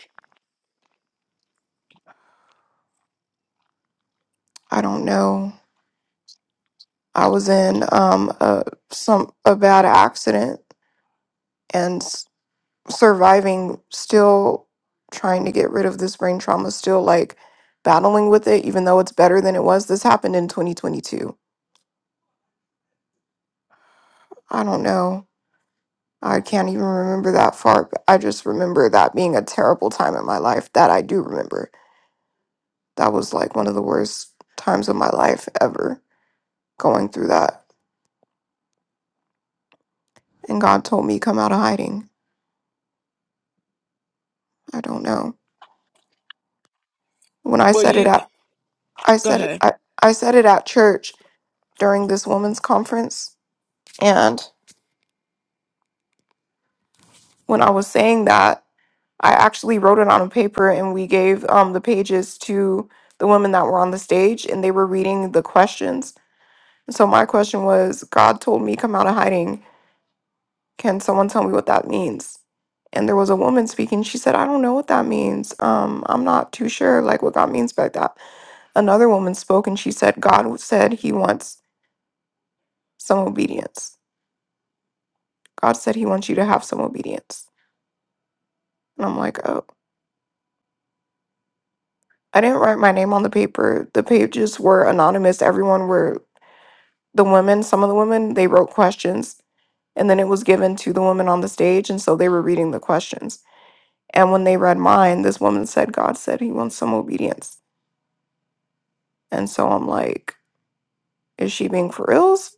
[SPEAKER 2] I don't know. I was in um, a, some a bad accident and. surviving, still trying to get rid of this brain trauma, still like battling with it, even though it's better than it was. This happened in 2022. I don't know. I can't even remember that far. But I just remember that being a terrible time in my life that I do remember. That was like one of the worst times of my life ever going through that. And God told me come out of hiding. I don't know. When I
[SPEAKER 1] Well,
[SPEAKER 2] said it
[SPEAKER 1] you
[SPEAKER 2] at I
[SPEAKER 1] go
[SPEAKER 2] said it,
[SPEAKER 1] ahead.
[SPEAKER 2] I, I said it at church during this women's conference and. when I was saying that, I actually wrote it on a paper and we gave um, the pages to the women that were on the stage and they were reading the questions. So my question was God told me come out of hiding. Can someone tell me what that means? And there was a woman speaking. She said, I don't know what that means. Um, I'm not too sure like what God means by that. Another woman spoke and she said, God said he wants some obedience. God said he wants you to have some obedience. And I'm like, oh. I didn't write my name on the paper. The pages were anonymous. Everyone were the women, some of the women, they wrote questions and then it was given to the women on the stage. And so they were reading the questions. And when they read mine, this woman said, God said he wants some obedience. And so I'm like, is she being for reals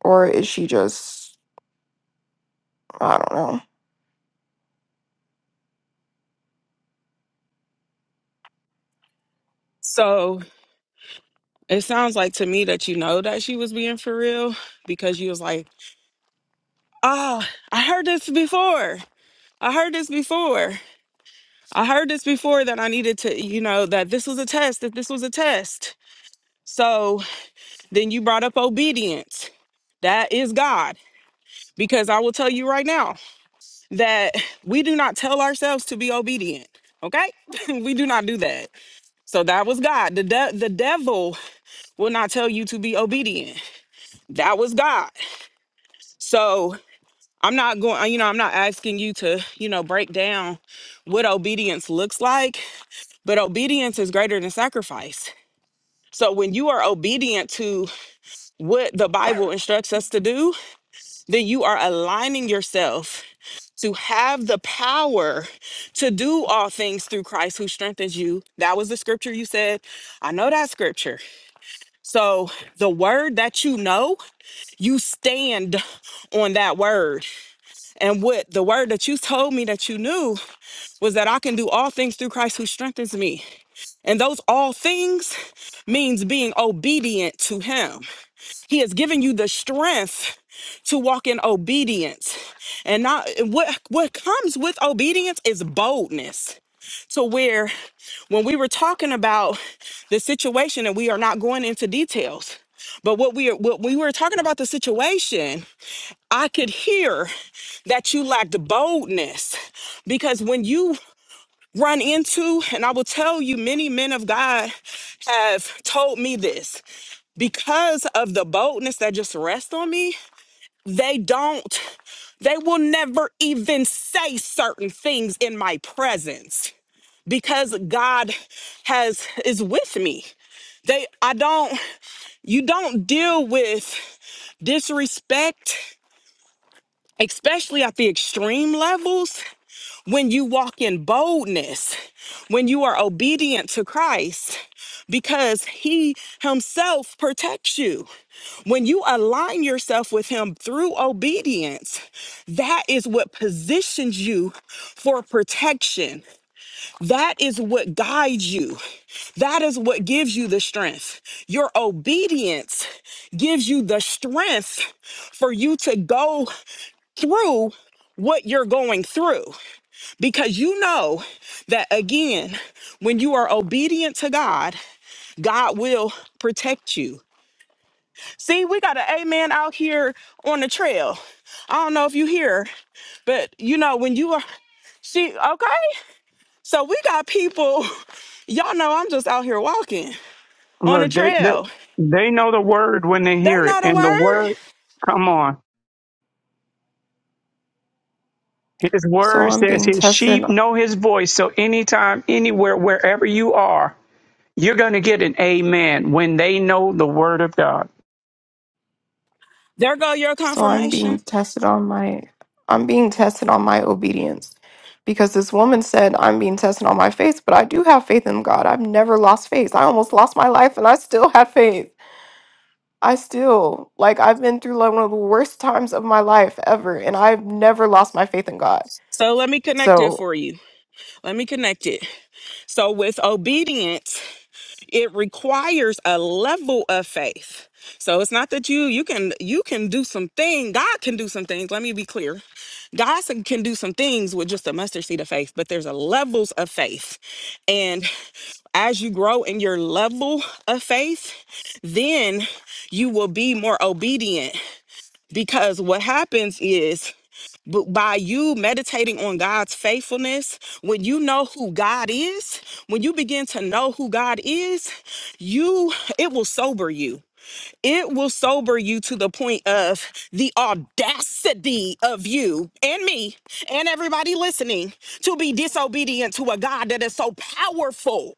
[SPEAKER 2] or is she just, I don't know.
[SPEAKER 1] So it sounds like to me that you know that she was being for real because you was like, Oh, I heard this before. I heard this before. I heard this before that I needed to, you know, that this was a test, that this was a test. So then you brought up obedience. That is God. Because I will tell you right now that we do not tell ourselves to be obedient. Okay? we do not do that. So that was God. The, de- the devil will not tell you to be obedient. That was God. So I'm not going, you know, I'm not asking you to, you know, break down what obedience looks like But obedience is greater than sacrifice. So when you are obedient to what the Bible instructs us to do, then you are aligning yourself to have the power to do all things through Christ who strengthens you. That was the scripture you said. I know that scripture. So the word that you know, you stand on that word. And what the word that you told me that you knew was that I can do all things through Christ who strengthens me. And those all things means being obedient to him. He has given you the strength to walk in obedience. And not what what comes with obedience is boldness. So where when we were talking about the situation and we are not going into details, but what we what we were talking about the situation, I could hear that you lacked boldness because when you run into, and I will tell you, many men of God have told me this because of the boldness that just rests on me. They don't, they will never even say certain things in my presence because God has is with me. They I don't you don't deal with disrespect especially at the extreme levels when you walk in boldness when you are obedient to Christ because he himself protects you When you align yourself with Him through obedience, that is what positions you for protection. That is what guides you. That is what gives you the strength. Your obedience gives you the strength for you to go through what you're going through because you know that again when you are obedient to God God will protect you See, we got an amen out here on the trail. I don't know if you hear, but you know, when you are, she, okay? So we got people, y'all know I'm just out here walking on the
[SPEAKER 5] Look, they, they,
[SPEAKER 1] trail.
[SPEAKER 5] they know the word when they
[SPEAKER 1] They
[SPEAKER 5] hear it,
[SPEAKER 1] know the
[SPEAKER 5] and the
[SPEAKER 1] word.
[SPEAKER 5] word, come on. His
[SPEAKER 2] So
[SPEAKER 5] word
[SPEAKER 2] I'm
[SPEAKER 5] says
[SPEAKER 2] being
[SPEAKER 5] his
[SPEAKER 2] tested.
[SPEAKER 5] sheep know his voice. So anytime, anywhere, wherever you are, You're going to get an amen when they know the word of God.
[SPEAKER 1] There go your
[SPEAKER 2] So I'm being
[SPEAKER 1] confirmation.
[SPEAKER 2] tested on my I'm being tested on my obedience. Because this woman said I'm being tested on my faith, but I do have faith in God. I've never lost faith. I almost lost my life and I still had faith. I still like I've been through like one of the worst times of my life ever and I've never lost my faith in God.
[SPEAKER 1] So let me connect it
[SPEAKER 2] So
[SPEAKER 1] for you. Let me connect it. So with obedience, it requires a level of faith so it's not that you you can you can do some thing god can do some things let me be clear god s- can do some things with just a mustard seed of faith but there's a levels of faith and as you grow in your level of faith then you will be more obedient because what happens is but by you meditating on God's faithfulness, when you know who God is, when you begin to know who God is, you it will sober you. It will sober you to the point of the audacity of you and me and everybody listening to be disobedient to a God that is so powerful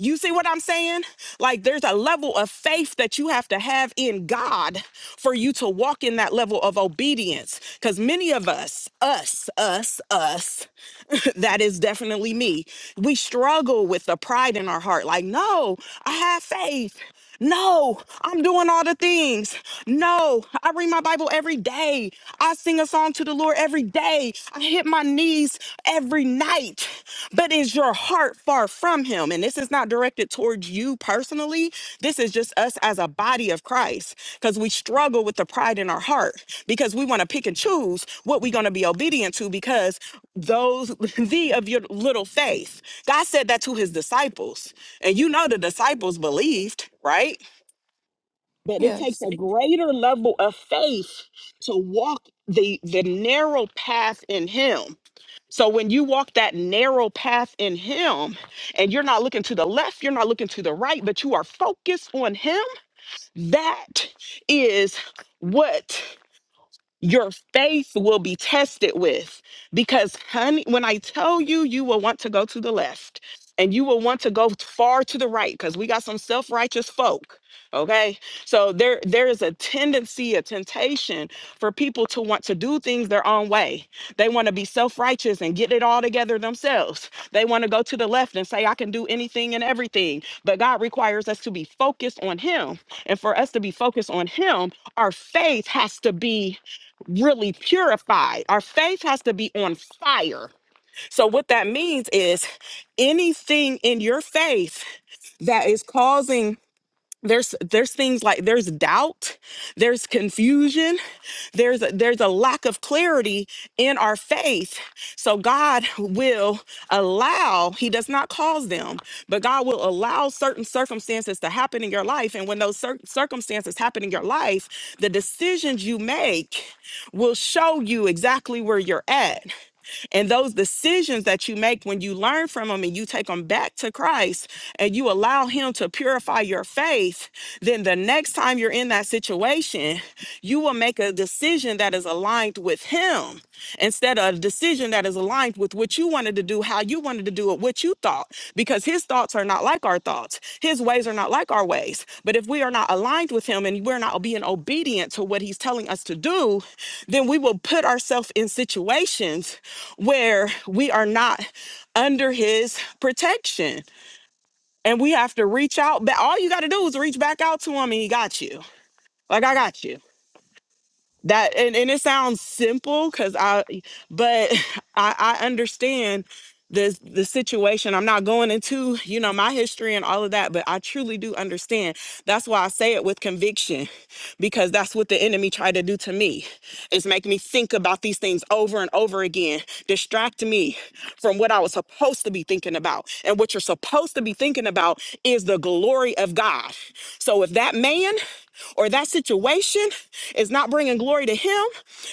[SPEAKER 1] you see what I'm saying? Like there's a level of faith that you have to have in God for you to walk in that level of obedience. Because many of us, us, us, us, that is definitely me. We struggle with the pride in our heart like, no, I have faith. No, I'm doing all the things. No, I read my Bible every day. I sing a song to the Lord every day. I hit my knees every night. But is your heart far from Him? And this is not directed towards you personally. This is just us as a body of Christ because we struggle with the pride in our heart because we want to pick and choose what we're going to be obedient to because those thee of your little faith. God said that to his disciples. And you know the disciples believed, right? But it takes
[SPEAKER 2] yes.
[SPEAKER 1] a greater level of faith to walk the the narrow path in him. So when you walk that narrow path in him and you're not looking to the left, you're not looking to the right, but you are focused on him, that is what your faith will be tested with because honey when i tell you you will want to go to the left and you will want to go t- far to the right because we got some self-righteous folk okay so there there is a tendency a temptation for people to want to do things their own way they want to be self-righteous and get it all together themselves they want to go to the left and say i can do anything and everything but god requires us to be focused on him and for us to be focused on him our faith has to be really purified. Our faith has to be on fire. So, what that means is anything in your faith that is causing there's there's things like there's doubt, there's confusion, there's a, there's a lack of clarity in our faith. So God will allow, He does not cause them, but God will allow certain circumstances to happen in your life. And when those cir- circumstances happen in your life, the decisions you make will show you exactly where you're at. And those decisions that you make when you learn from them and you take them back to Christ and you allow Him to purify your faith, then the next time you're in that situation, you will make a decision that is aligned with Him instead of a decision that is aligned with what you wanted to do, how you wanted to do it, what you thought, because His thoughts are not like our thoughts. His ways are not like our ways. But if we are not aligned with Him and we're not being obedient to what He's telling us to do, then we will put ourselves in situations where we are not under his protection and we have to reach out back all you got to do is reach back out to him and he got you like i got you that and, and it sounds simple because i but i i understand the the situation. I'm not going into, you know, my history and all of that, but I truly do understand. That's why I say it with conviction because that's what the enemy tried to do to me. Is make me think about these things over and over again, distract me from what I was supposed to be thinking about. And what you're supposed to be thinking about is the glory of God. So if that man or that situation is not bringing glory to him,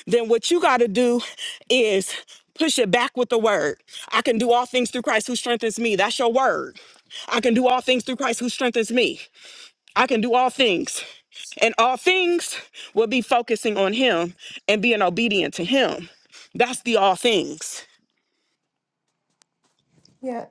[SPEAKER 1] then what you got to do is Push it back with the word. I can do all things through Christ who strengthens me. That's your word. I can do all things through Christ who strengthens me. I can do all things. And all things will be focusing on Him and being obedient to Him. That's the all things.
[SPEAKER 2] Yeah.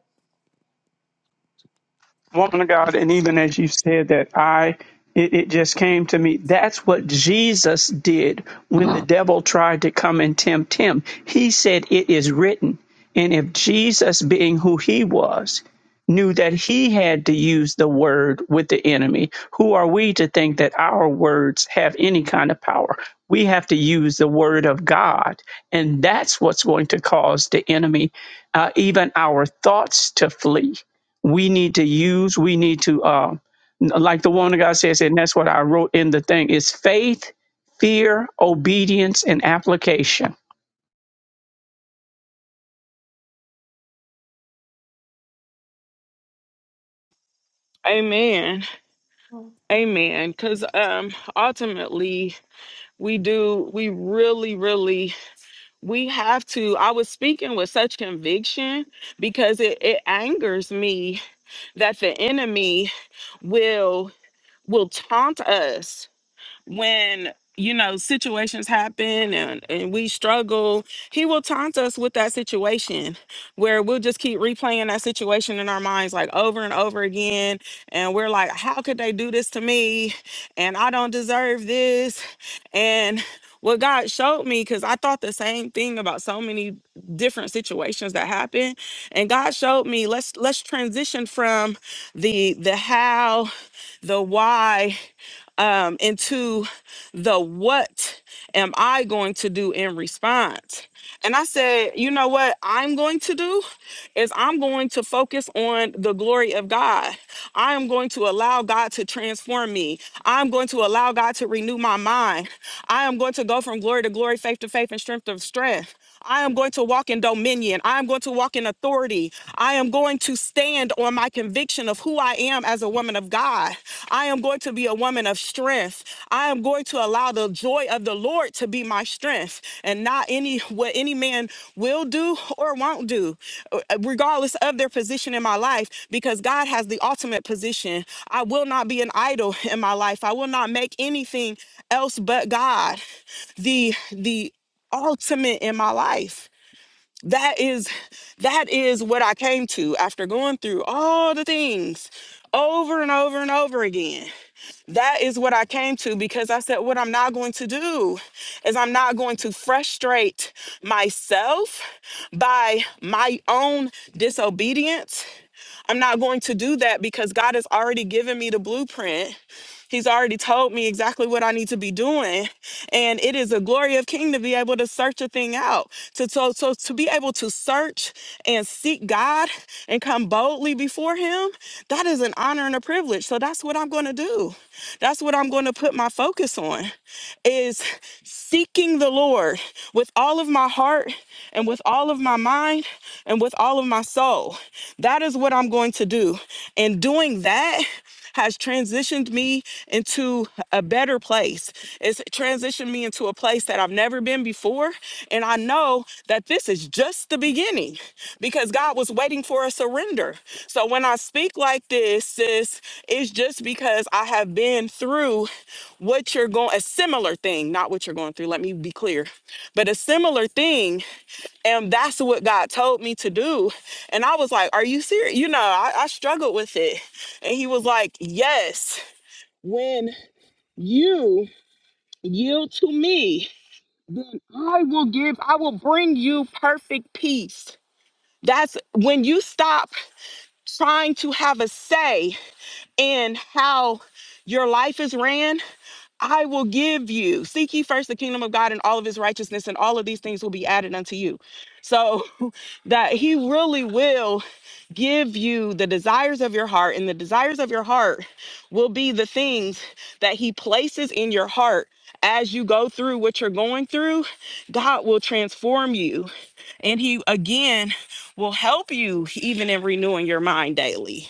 [SPEAKER 5] woman of God, and even as you said that, I it, it just came to me. That's what Jesus did when the devil tried to come and tempt him. He said, "It is written." And if Jesus, being who he was, knew that he had to use the word with the enemy, who are we to think that our words have any kind of power? We have to use the word of God, and that's what's going to cause the enemy, uh, even our thoughts, to flee we need to use. We need to, uh, like the woman of God says, and that's what I wrote in the thing is faith, fear, obedience, and application.
[SPEAKER 1] Amen.
[SPEAKER 2] Mm, mm,
[SPEAKER 1] Amen. Because um, ultimately, we do, we really, really, we have to. I was speaking with such conviction because it, it angers me that the enemy will. will taunt us when you know situations happen and, and we struggle he will taunt us with that situation where we'll just keep replaying that situation in our minds like over and over again and we're like how could they do this to me and i don't deserve this and what god showed me because i thought the same thing about so many different situations that happen and god showed me let's let's transition from the the how the why um, into the what am I going to do in response? And I said, you know what I'm going to do is I'm going to focus on the glory of God. I am going to allow God to transform me. I'm going to allow God to renew my mind. I am going to go from glory to glory, faith to faith, and strength to strength. I am going to walk in dominion. I am going to walk in authority. I am going to stand on my conviction of who I am as a woman of God. I am going to be a woman of strength. I am going to allow the joy of the Lord to be my strength and not any what any man will do or won't do uh, regardless of their position in my life because God has the ultimate position. I will not be an idol in my life. I will not make anything else but God the the ultimate in my life. That is that is what I came to after going through all the things over and over and over again. That is what I came to because I said, what I'm not going to do is I'm not going to frustrate myself by my own disobedience I'm not going to do that because God has already given me the blueprint. He's already told me exactly what I need to be doing. And it is a glory of king to be able to search a thing out. To so so to be able to search and seek God and come boldly before him, that is an honor and a privilege. So that's what I'm going to do. That's what I'm going to put my focus on is seeking the Lord with all of my heart and with all of my mind and with all of my soul. That is what I'm going to do. And doing that has transitioned me into a better place. It's transitioned me into a place that I've never been before. And I know that this is just the beginning because God was waiting for a surrender. So when I speak like this, sis, it's just because I have been through what you're going, a similar thing, not what you're going through. Let me be clear, but a similar thing and that's what God told me to do. And I was like, Are you serious? You know, I, I struggled with it. And he was like, Yes, when you yield to me, then I will give, I will bring you perfect peace. That's when you stop trying to have a say in how your life is ran, I will give you. Seek ye first the kingdom of God and all of his righteousness, and all of these things will be added unto you. So that he really will give you the desires of your heart, and the desires of your heart will be the things that He places in your heart as you go through what you're going through. God will transform you, and He again will help you even in renewing your mind daily.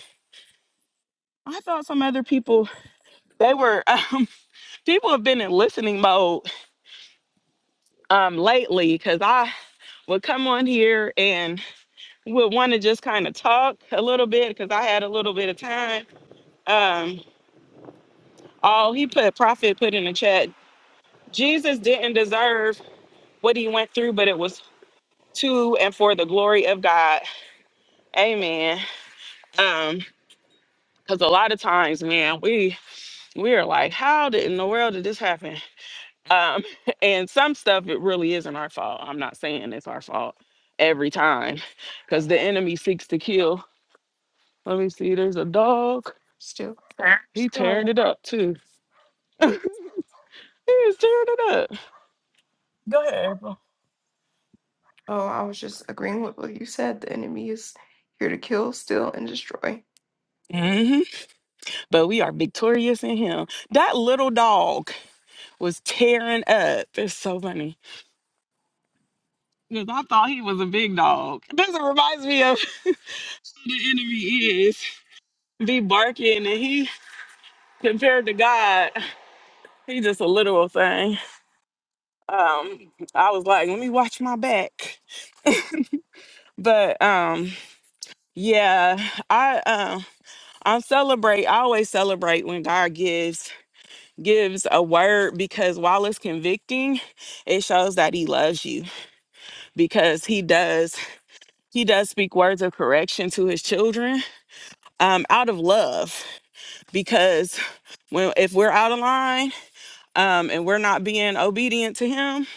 [SPEAKER 1] I thought some other people they were um, people have been in listening mode um, lately because I would come on here and would want to just kind of talk a little bit because I had a little bit of time. Um, Oh, he put prophet put in the chat. Jesus didn't deserve what he went through, but it was to and for the glory of God. Amen. Um, because a lot of times, man, we we are like, how did in the world did this happen? Um, and some stuff it really isn't our fault. I'm not saying it's our fault every time, because the enemy seeks to kill. Let me see. There's a dog.
[SPEAKER 2] Still.
[SPEAKER 1] He tearing
[SPEAKER 2] Sorry.
[SPEAKER 1] it up too. He is tearing it up. Go ahead.
[SPEAKER 2] Oh, I was just agreeing with what you said. The enemy is here to kill, steal, and destroy.
[SPEAKER 1] April. but we are victorious in him. That little dog was tearing up. It's so funny. Because I thought he was a big dog. This reminds me of who the enemy is. Be barking and he compared to God. He just a little thing. Um, I was like, let me watch my back. But um, yeah, I um I celebrate, I always celebrate when God gives gives a word because while it's convicting, it shows that he loves you because he does he does speak words of correction to his children um, out of love because when if we're out of line um, and we're not being obedient to him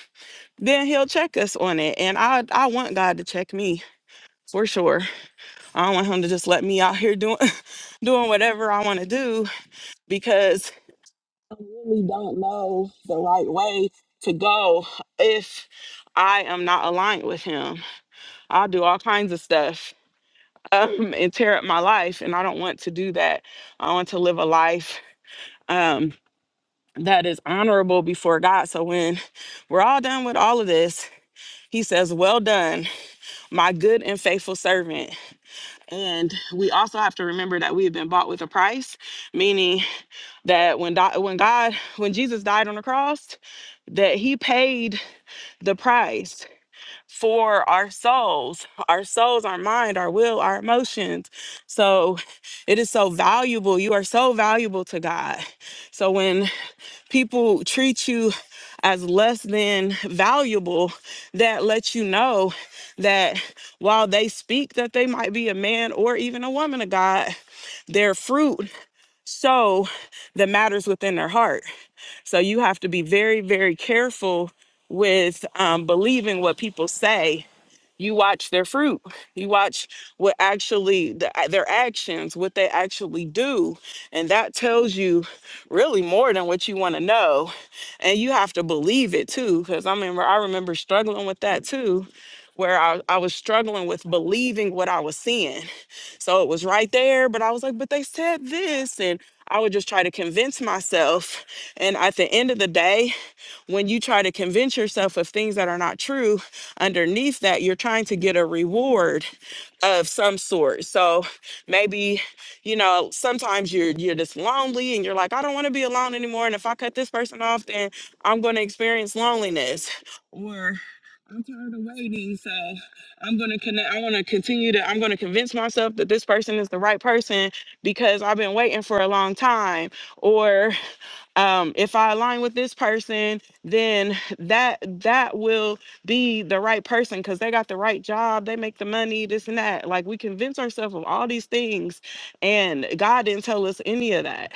[SPEAKER 1] then he'll check us on it and i i want god to check me for sure i don't want him to just let me out here doing doing whatever i want to do because i really don't know the right way to go if i am not aligned with him i'll do all kinds of stuff um, and tear up my life. And I don't want to do that. I want to live a life um, that is honorable before God. So when we're all done with all of this, he says, Well done, my good and faithful servant. And we also have to remember that we have been bought with a price, meaning that when, Do- when God, when Jesus died on the cross, that he paid the price for our souls, our souls, our mind, our will, our emotions. So it is so valuable. You are so valuable to God. So when people treat you as less than valuable, that lets you know that while they speak that they might be a man or even a woman of God, their fruit show the matters within their heart. So you have to be very, very careful with um, believing what people say you watch their fruit you watch what actually the, their actions what they actually do and that tells you really more than what you want to know and you have to believe it too because i remember i remember struggling with that too where I, I was struggling with believing what i was seeing so it was right there but i was like but they said this and i would just try to convince myself and at the end of the day when you try to convince yourself of things that are not true, underneath that, you're trying to get a reward of some sort. So maybe, you know, sometimes you're you're just lonely and you're like, I don't want to be alone anymore. And if I cut this person off, then I'm gonna experience loneliness. Or I'm tired of waiting, so I'm gonna connect. I want to continue to. I'm gonna convince myself that this person is the right person because I've been waiting for a long time. Or um, if I align with this person, then that that will be the right person because they got the right job, they make the money, this and that. Like we convince ourselves of all these things, and God didn't tell us any of that.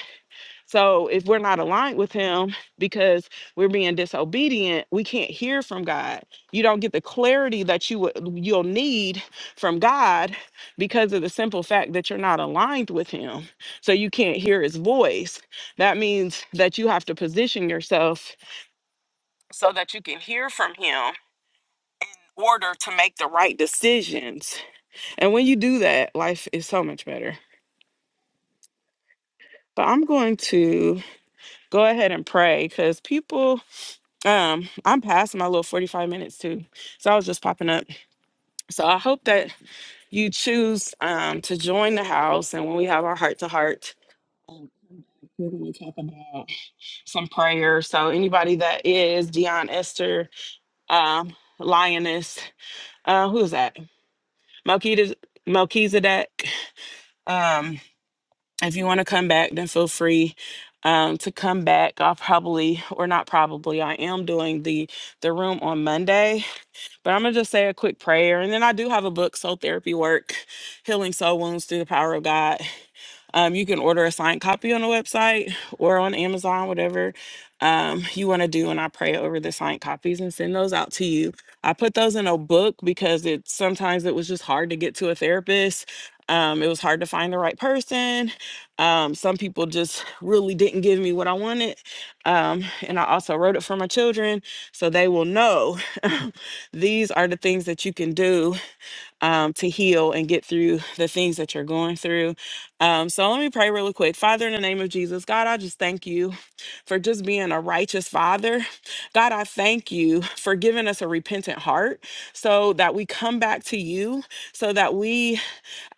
[SPEAKER 1] So if we're not aligned with him because we're being disobedient, we can't hear from God. You don't get the clarity that you would you'll need from God because of the simple fact that you're not aligned with him. So you can't hear his voice. That means that you have to position yourself so that you can hear from him in order to make the right decisions. And when you do that, life is so much better. But I'm going to go ahead and pray because people Um, I'm past my little 45 minutes too. So I was just popping up. So I hope that you choose um to join the house and when we have our heart to heart, we're gonna talk about some prayer. So anybody that is Dion Esther, um, Lioness, uh, who's that? Melchizedek Melchizedek. Um, if you want to come back, then feel free um to come back. I'll probably or not probably, I am doing the the room on Monday But I'm going to just say a quick prayer. And then I do have a book, Soul Therapy Work Healing Soul Wounds Through the Power of God. Um, you can order a signed copy on the website or on Amazon, whatever um, you want to do. And I pray over the signed copies and send those out to you. I put those in a book because it sometimes it was just hard to get to a therapist. Um, it was hard to find the right person. Um, some people just really didn't give me what I wanted. Um, and I also wrote it for my children so they will know these are the things that you can do um, to heal and get through the things that you're going through. Um, so let me pray really quick. Father, in the name of Jesus, God, I just thank you for just being a righteous father. God, I thank you for giving us a repentant heart so that we come back to you, so that we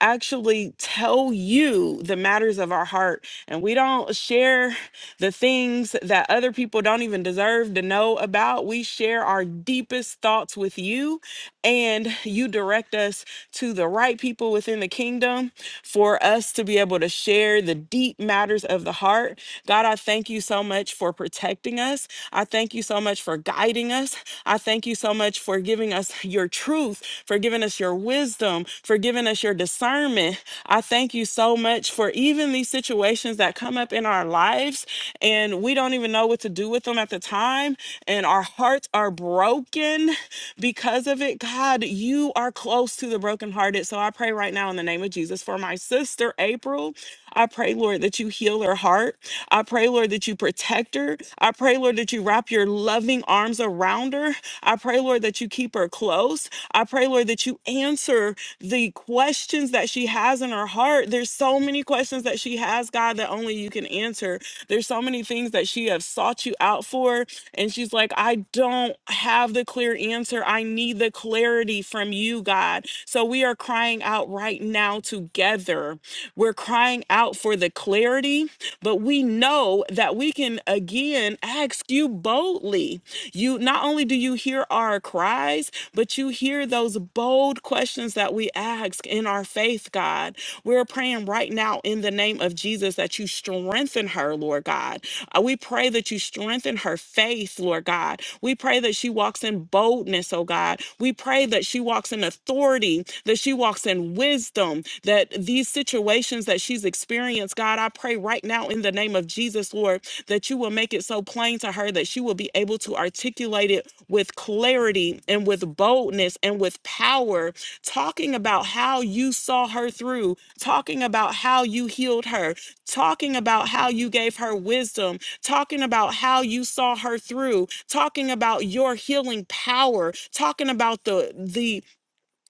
[SPEAKER 1] actually tell you the matters of our heart and we don't share. The things that other people don't even deserve to know about, we share our deepest thoughts with you, and you direct us to the right people within the kingdom for us to be able to share the deep matters of the heart. God, I thank you so much for protecting us. I thank you so much for guiding us. I thank you so much for giving us your truth, for giving us your wisdom, for giving us your discernment. I thank you so much for even these situations that come up up in our lives and we don't even know what to do with them at the time. And our hearts are broken because of it. God, you are close to the brokenhearted. So I pray right now in the name of Jesus for my sister, April. I pray, Lord, that you heal her heart. I pray, Lord, that you protect her. I pray, Lord, that you wrap your loving arms around her. I pray, Lord, that you keep her close. I pray, Lord, that you answer the questions that she has in her heart. There's so many questions that she has ask God that only you can answer. There's so many things that she has sought you out for, and she's like, I don't have the clear answer. I need the clarity from you, God. So we are crying out right now together. We're crying out for the clarity, but we know that we can again ask you boldly. You not only do you hear our cries, but you hear those bold questions that we ask in our faith, God. We're praying right now right now in the name of Jesus that you strengthen her, Lord God. Uh, We pray that you strengthen her faith, Lord God. We pray that she walks in boldness, oh God. We pray that she walks in authority, that she walks in wisdom, that these situations that she's experienced, God, I pray right now in the name of Jesus, Lord, that you will make it so plain to her that she will be able to articulate it with clarity and with boldness and with power, talking about how you saw her through talking about how you healed her, talking about how you gave her wisdom, talking about how you saw her through, talking about your healing power, talking about the the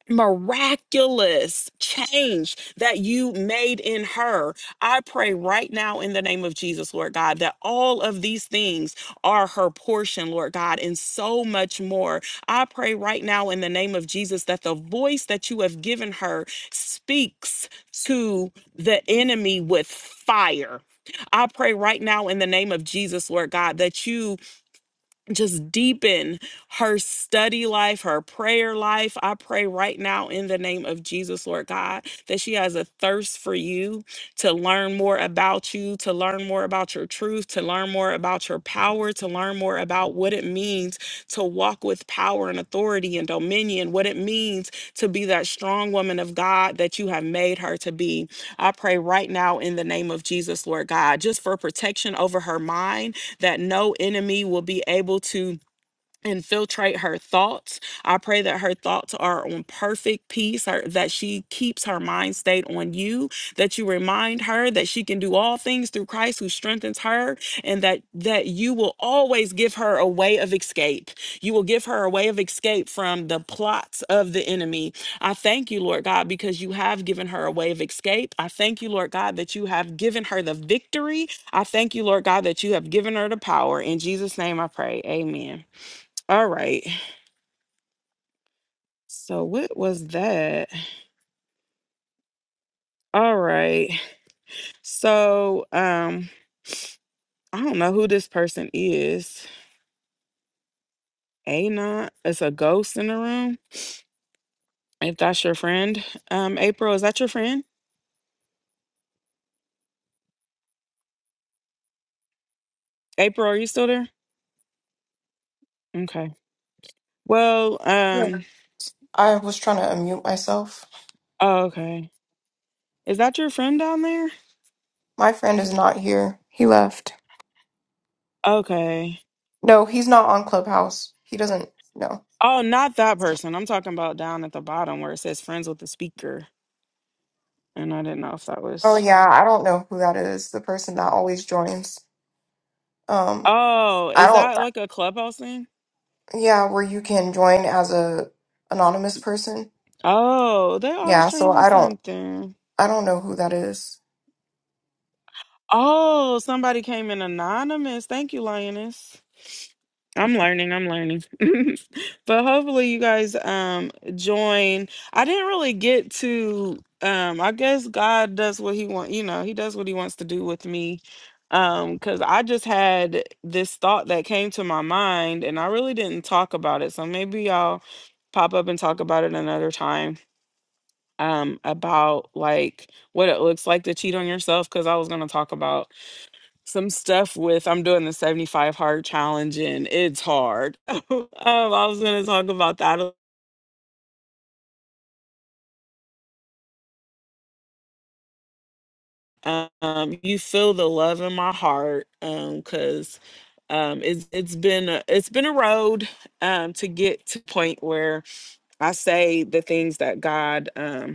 [SPEAKER 1] miraculous change that you made in her. I pray right now in the name of Jesus, Lord God, that all of these things are her portion, Lord God, and so much more. I pray right now in the name of Jesus that the voice that you have given her speaks to the enemy with fire. I pray right now in the name of Jesus, Lord God, that you just deepen her study life, her prayer life. I pray right now in the name of Jesus, Lord God, that she has a thirst for you to learn more about you, to learn more about your truth, to learn more about your power, to learn more about what it means to walk with power and authority and dominion, what it means to be that strong woman of God that you have made her to be. I pray right now in the name of Jesus, Lord God, just for protection over her mind that no enemy will be able to infiltrate her thoughts. I pray that her thoughts are on perfect peace, her, that she keeps her mind state on you, that you remind her that she can do all things through Christ who strengthens her, and that that you will always give her a way of escape. You will give her a way of escape from the plots of the enemy. I thank you, Lord God, because you have given her a way of escape. I thank you, Lord God, that you have given her the victory. I thank you, Lord God, that you have given her the power. In Jesus' name I pray. Amen. All right. So what was that? All right. So um I don't know who this person is. A not it's a ghost in the room. If that's your friend. Um April, is that your friend? April, are you still there? Okay. Well,
[SPEAKER 2] Yeah.
[SPEAKER 1] um
[SPEAKER 2] I was trying to unmute myself.
[SPEAKER 1] oh, okay. Is that your friend down there?
[SPEAKER 2] My friend is not here. He left.
[SPEAKER 1] Okay.
[SPEAKER 2] No, he's not on Clubhouse. He doesn't know.
[SPEAKER 1] Oh, not that person. I'm talking about down at the bottom where it says friends with the speaker. And I didn't know if that
[SPEAKER 2] Oh
[SPEAKER 1] was
[SPEAKER 2] yeah, I don't know who that is. The person that always joins. Um,
[SPEAKER 1] Oh,
[SPEAKER 2] I
[SPEAKER 1] is
[SPEAKER 2] don't.
[SPEAKER 1] that like a clubhouse thing?
[SPEAKER 2] Yeah, where you can join as a anonymous person.
[SPEAKER 1] Oh, they always
[SPEAKER 2] Yeah, so
[SPEAKER 1] changing
[SPEAKER 2] I don't.
[SPEAKER 1] something.
[SPEAKER 2] I don't know who that is.
[SPEAKER 1] Oh, somebody came in anonymous. Thank you, Lioness. I'm learning, I'm learning. but hopefully you guys um join. I didn't really get to um I guess God does what he want, you know, he does what he wants to do with me. Um cuz I just had this thought that came to my mind and I really didn't talk about it. So maybe y'all pop up and talk about it another time um about like what it looks like to cheat on yourself because I was gonna talk about some stuff with I'm doing the 75 hard challenge and it's hard. um, I was gonna talk about that. Um, you feel the love in my heart um because um it's it's been a, it's been a road um to get to point where I say the things that God um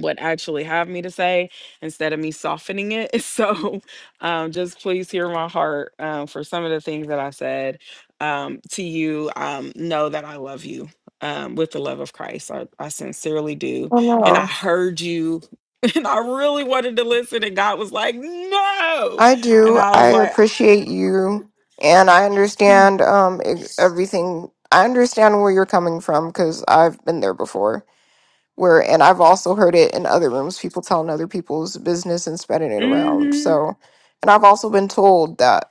[SPEAKER 1] What actually have me to say instead of me softening it. So um, just please hear my heart um, for some of the things that I said um, to you. Um, know that I love you um, with the love of Christ. I, I sincerely do.
[SPEAKER 2] Oh
[SPEAKER 1] And I
[SPEAKER 2] no,
[SPEAKER 1] heard you. And I really wanted to listen, and God was like, "No,"
[SPEAKER 2] I
[SPEAKER 1] and
[SPEAKER 2] do.
[SPEAKER 1] I
[SPEAKER 2] I
[SPEAKER 1] was like,
[SPEAKER 2] appreciate you, and I understand um e- everything. I understand where you're coming from because I've been there before. where and I've also heard it in other rooms, people telling other people's business and spreading it around.
[SPEAKER 1] hmm
[SPEAKER 2] So and I've also been told that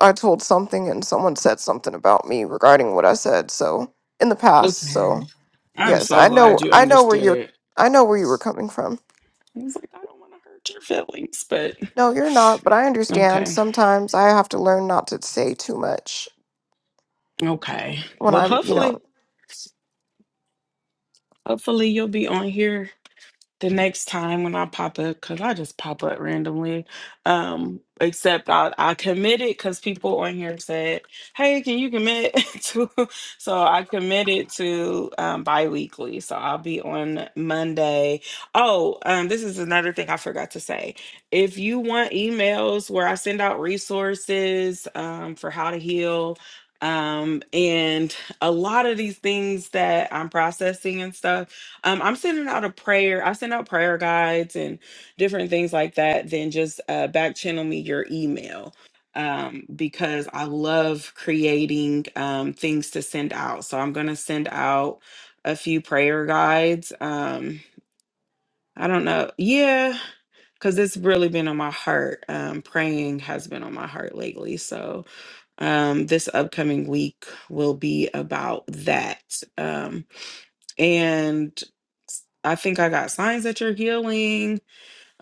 [SPEAKER 2] I told something and someone said something about me regarding what I said. So in the past.
[SPEAKER 1] "Okay,
[SPEAKER 2] So
[SPEAKER 1] I'm
[SPEAKER 2] yes,
[SPEAKER 1] so
[SPEAKER 2] I know
[SPEAKER 1] glad you
[SPEAKER 2] I know where you're
[SPEAKER 1] understood."
[SPEAKER 2] I know where you were coming from.
[SPEAKER 1] I was like, "I don't want to hurt your feelings, but
[SPEAKER 2] No, you're not, but I understand
[SPEAKER 1] okay."
[SPEAKER 2] sometimes I have to learn not to say too much
[SPEAKER 1] Okay.
[SPEAKER 2] when
[SPEAKER 1] Well,
[SPEAKER 2] I'm, you know.
[SPEAKER 1] hopefully, hopefully you'll be on here the next time when I pop up, because I just pop up randomly. Um, except I, I committed because people on here said, Hey, can you commit to so I committed to um bi weekly. So I'll be on Monday. Oh, um, this is another thing I forgot to say. If you want emails where I send out resources um for how to heal. Um, and a lot of these things that I'm processing and stuff um, I'm sending out a prayer. I send out prayer guides and different things like that. Then just uh, back channel me your email um, because I love creating um, things to send out. So I'm going to send out a few prayer guides. Um, I don't know. Yeah, because it's really been on my heart. Um, praying has been on my heart lately. So um, this upcoming week will be about that. Um, and I think I got signs that you're healing.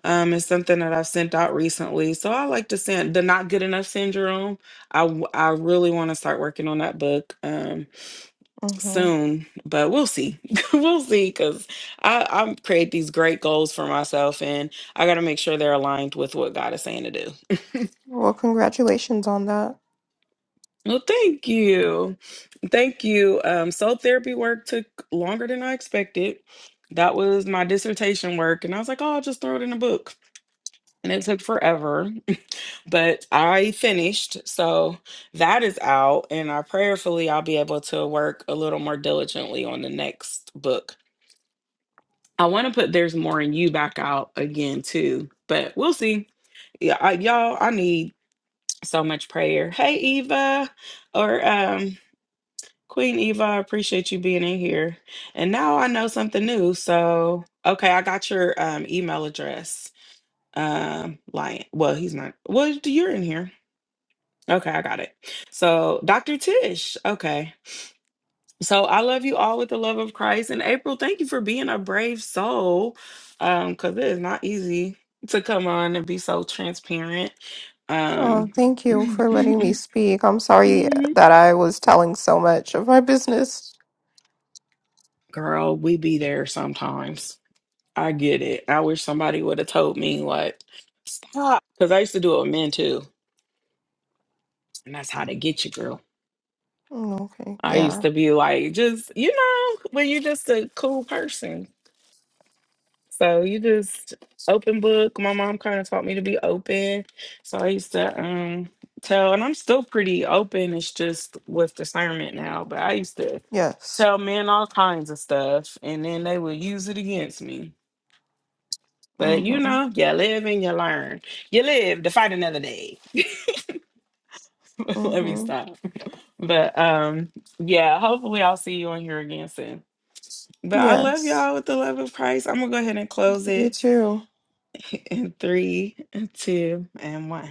[SPEAKER 1] Um, it's something that I've sent out recently. So I like to send the not good enough syndrome. I w- I really want to start working on that book um
[SPEAKER 2] hmm
[SPEAKER 1] soon, but we'll see. we'll see because I I create these great goals for myself, and I got to make sure they're aligned with what God is saying to do.
[SPEAKER 2] Well, congratulations on that.
[SPEAKER 1] Well, thank you, thank you. Um, soul therapy work took longer than I expected. That was my dissertation work, and I was like, oh, I'll just throw it in a book and it took forever, but I finished. So that is out, and I prayerfully I'll be able to work a little more diligently on the next book. I want to put "There's More in You" back out again too, but we'll see. Yeah, I, y'all, I need so much prayer. Hey, Eva, or um, Queen Eva, I appreciate you being in here. And now I know something new. So okay, I got your um, email address. Um, Lion. Well, he's not. Well, you're in here. Okay, I got it. So, Dr. Tish, okay. So, I love you all with the love of Christ. And April, thank you for being a brave soul. Um, because it is not easy to come on and be so transparent.
[SPEAKER 2] Oh,
[SPEAKER 1] Um,
[SPEAKER 2] thank you for letting me speak. I'm sorry that I was telling so much of my business.
[SPEAKER 1] girl, we be there sometimes. I get it. I wish somebody would have told me, like, stop. Because I used to do it with men too. And that's how they get you, girl.
[SPEAKER 2] Mm, Okay.
[SPEAKER 1] I used
[SPEAKER 2] Yeah.
[SPEAKER 1] to be like, just, you know, when you're just a cool person So you just open book. My mom kind of taught me to be open. So I used to um tell and I'm still pretty open. It's just with discernment now, but I used to
[SPEAKER 2] Yes.
[SPEAKER 1] tell men all kinds of stuff and then they would use it against me. But you
[SPEAKER 2] Mm-hmm.
[SPEAKER 1] know, you live and you learn. You live to fight another day. Let me
[SPEAKER 2] Mm-hmm.
[SPEAKER 1] stop. But um yeah, hopefully I'll see you on here again soon. But I love
[SPEAKER 2] Yes.
[SPEAKER 1] y'all with the love of Christ. I'm gonna go ahead and close
[SPEAKER 2] You
[SPEAKER 1] it
[SPEAKER 2] too.
[SPEAKER 1] in three, two, and one.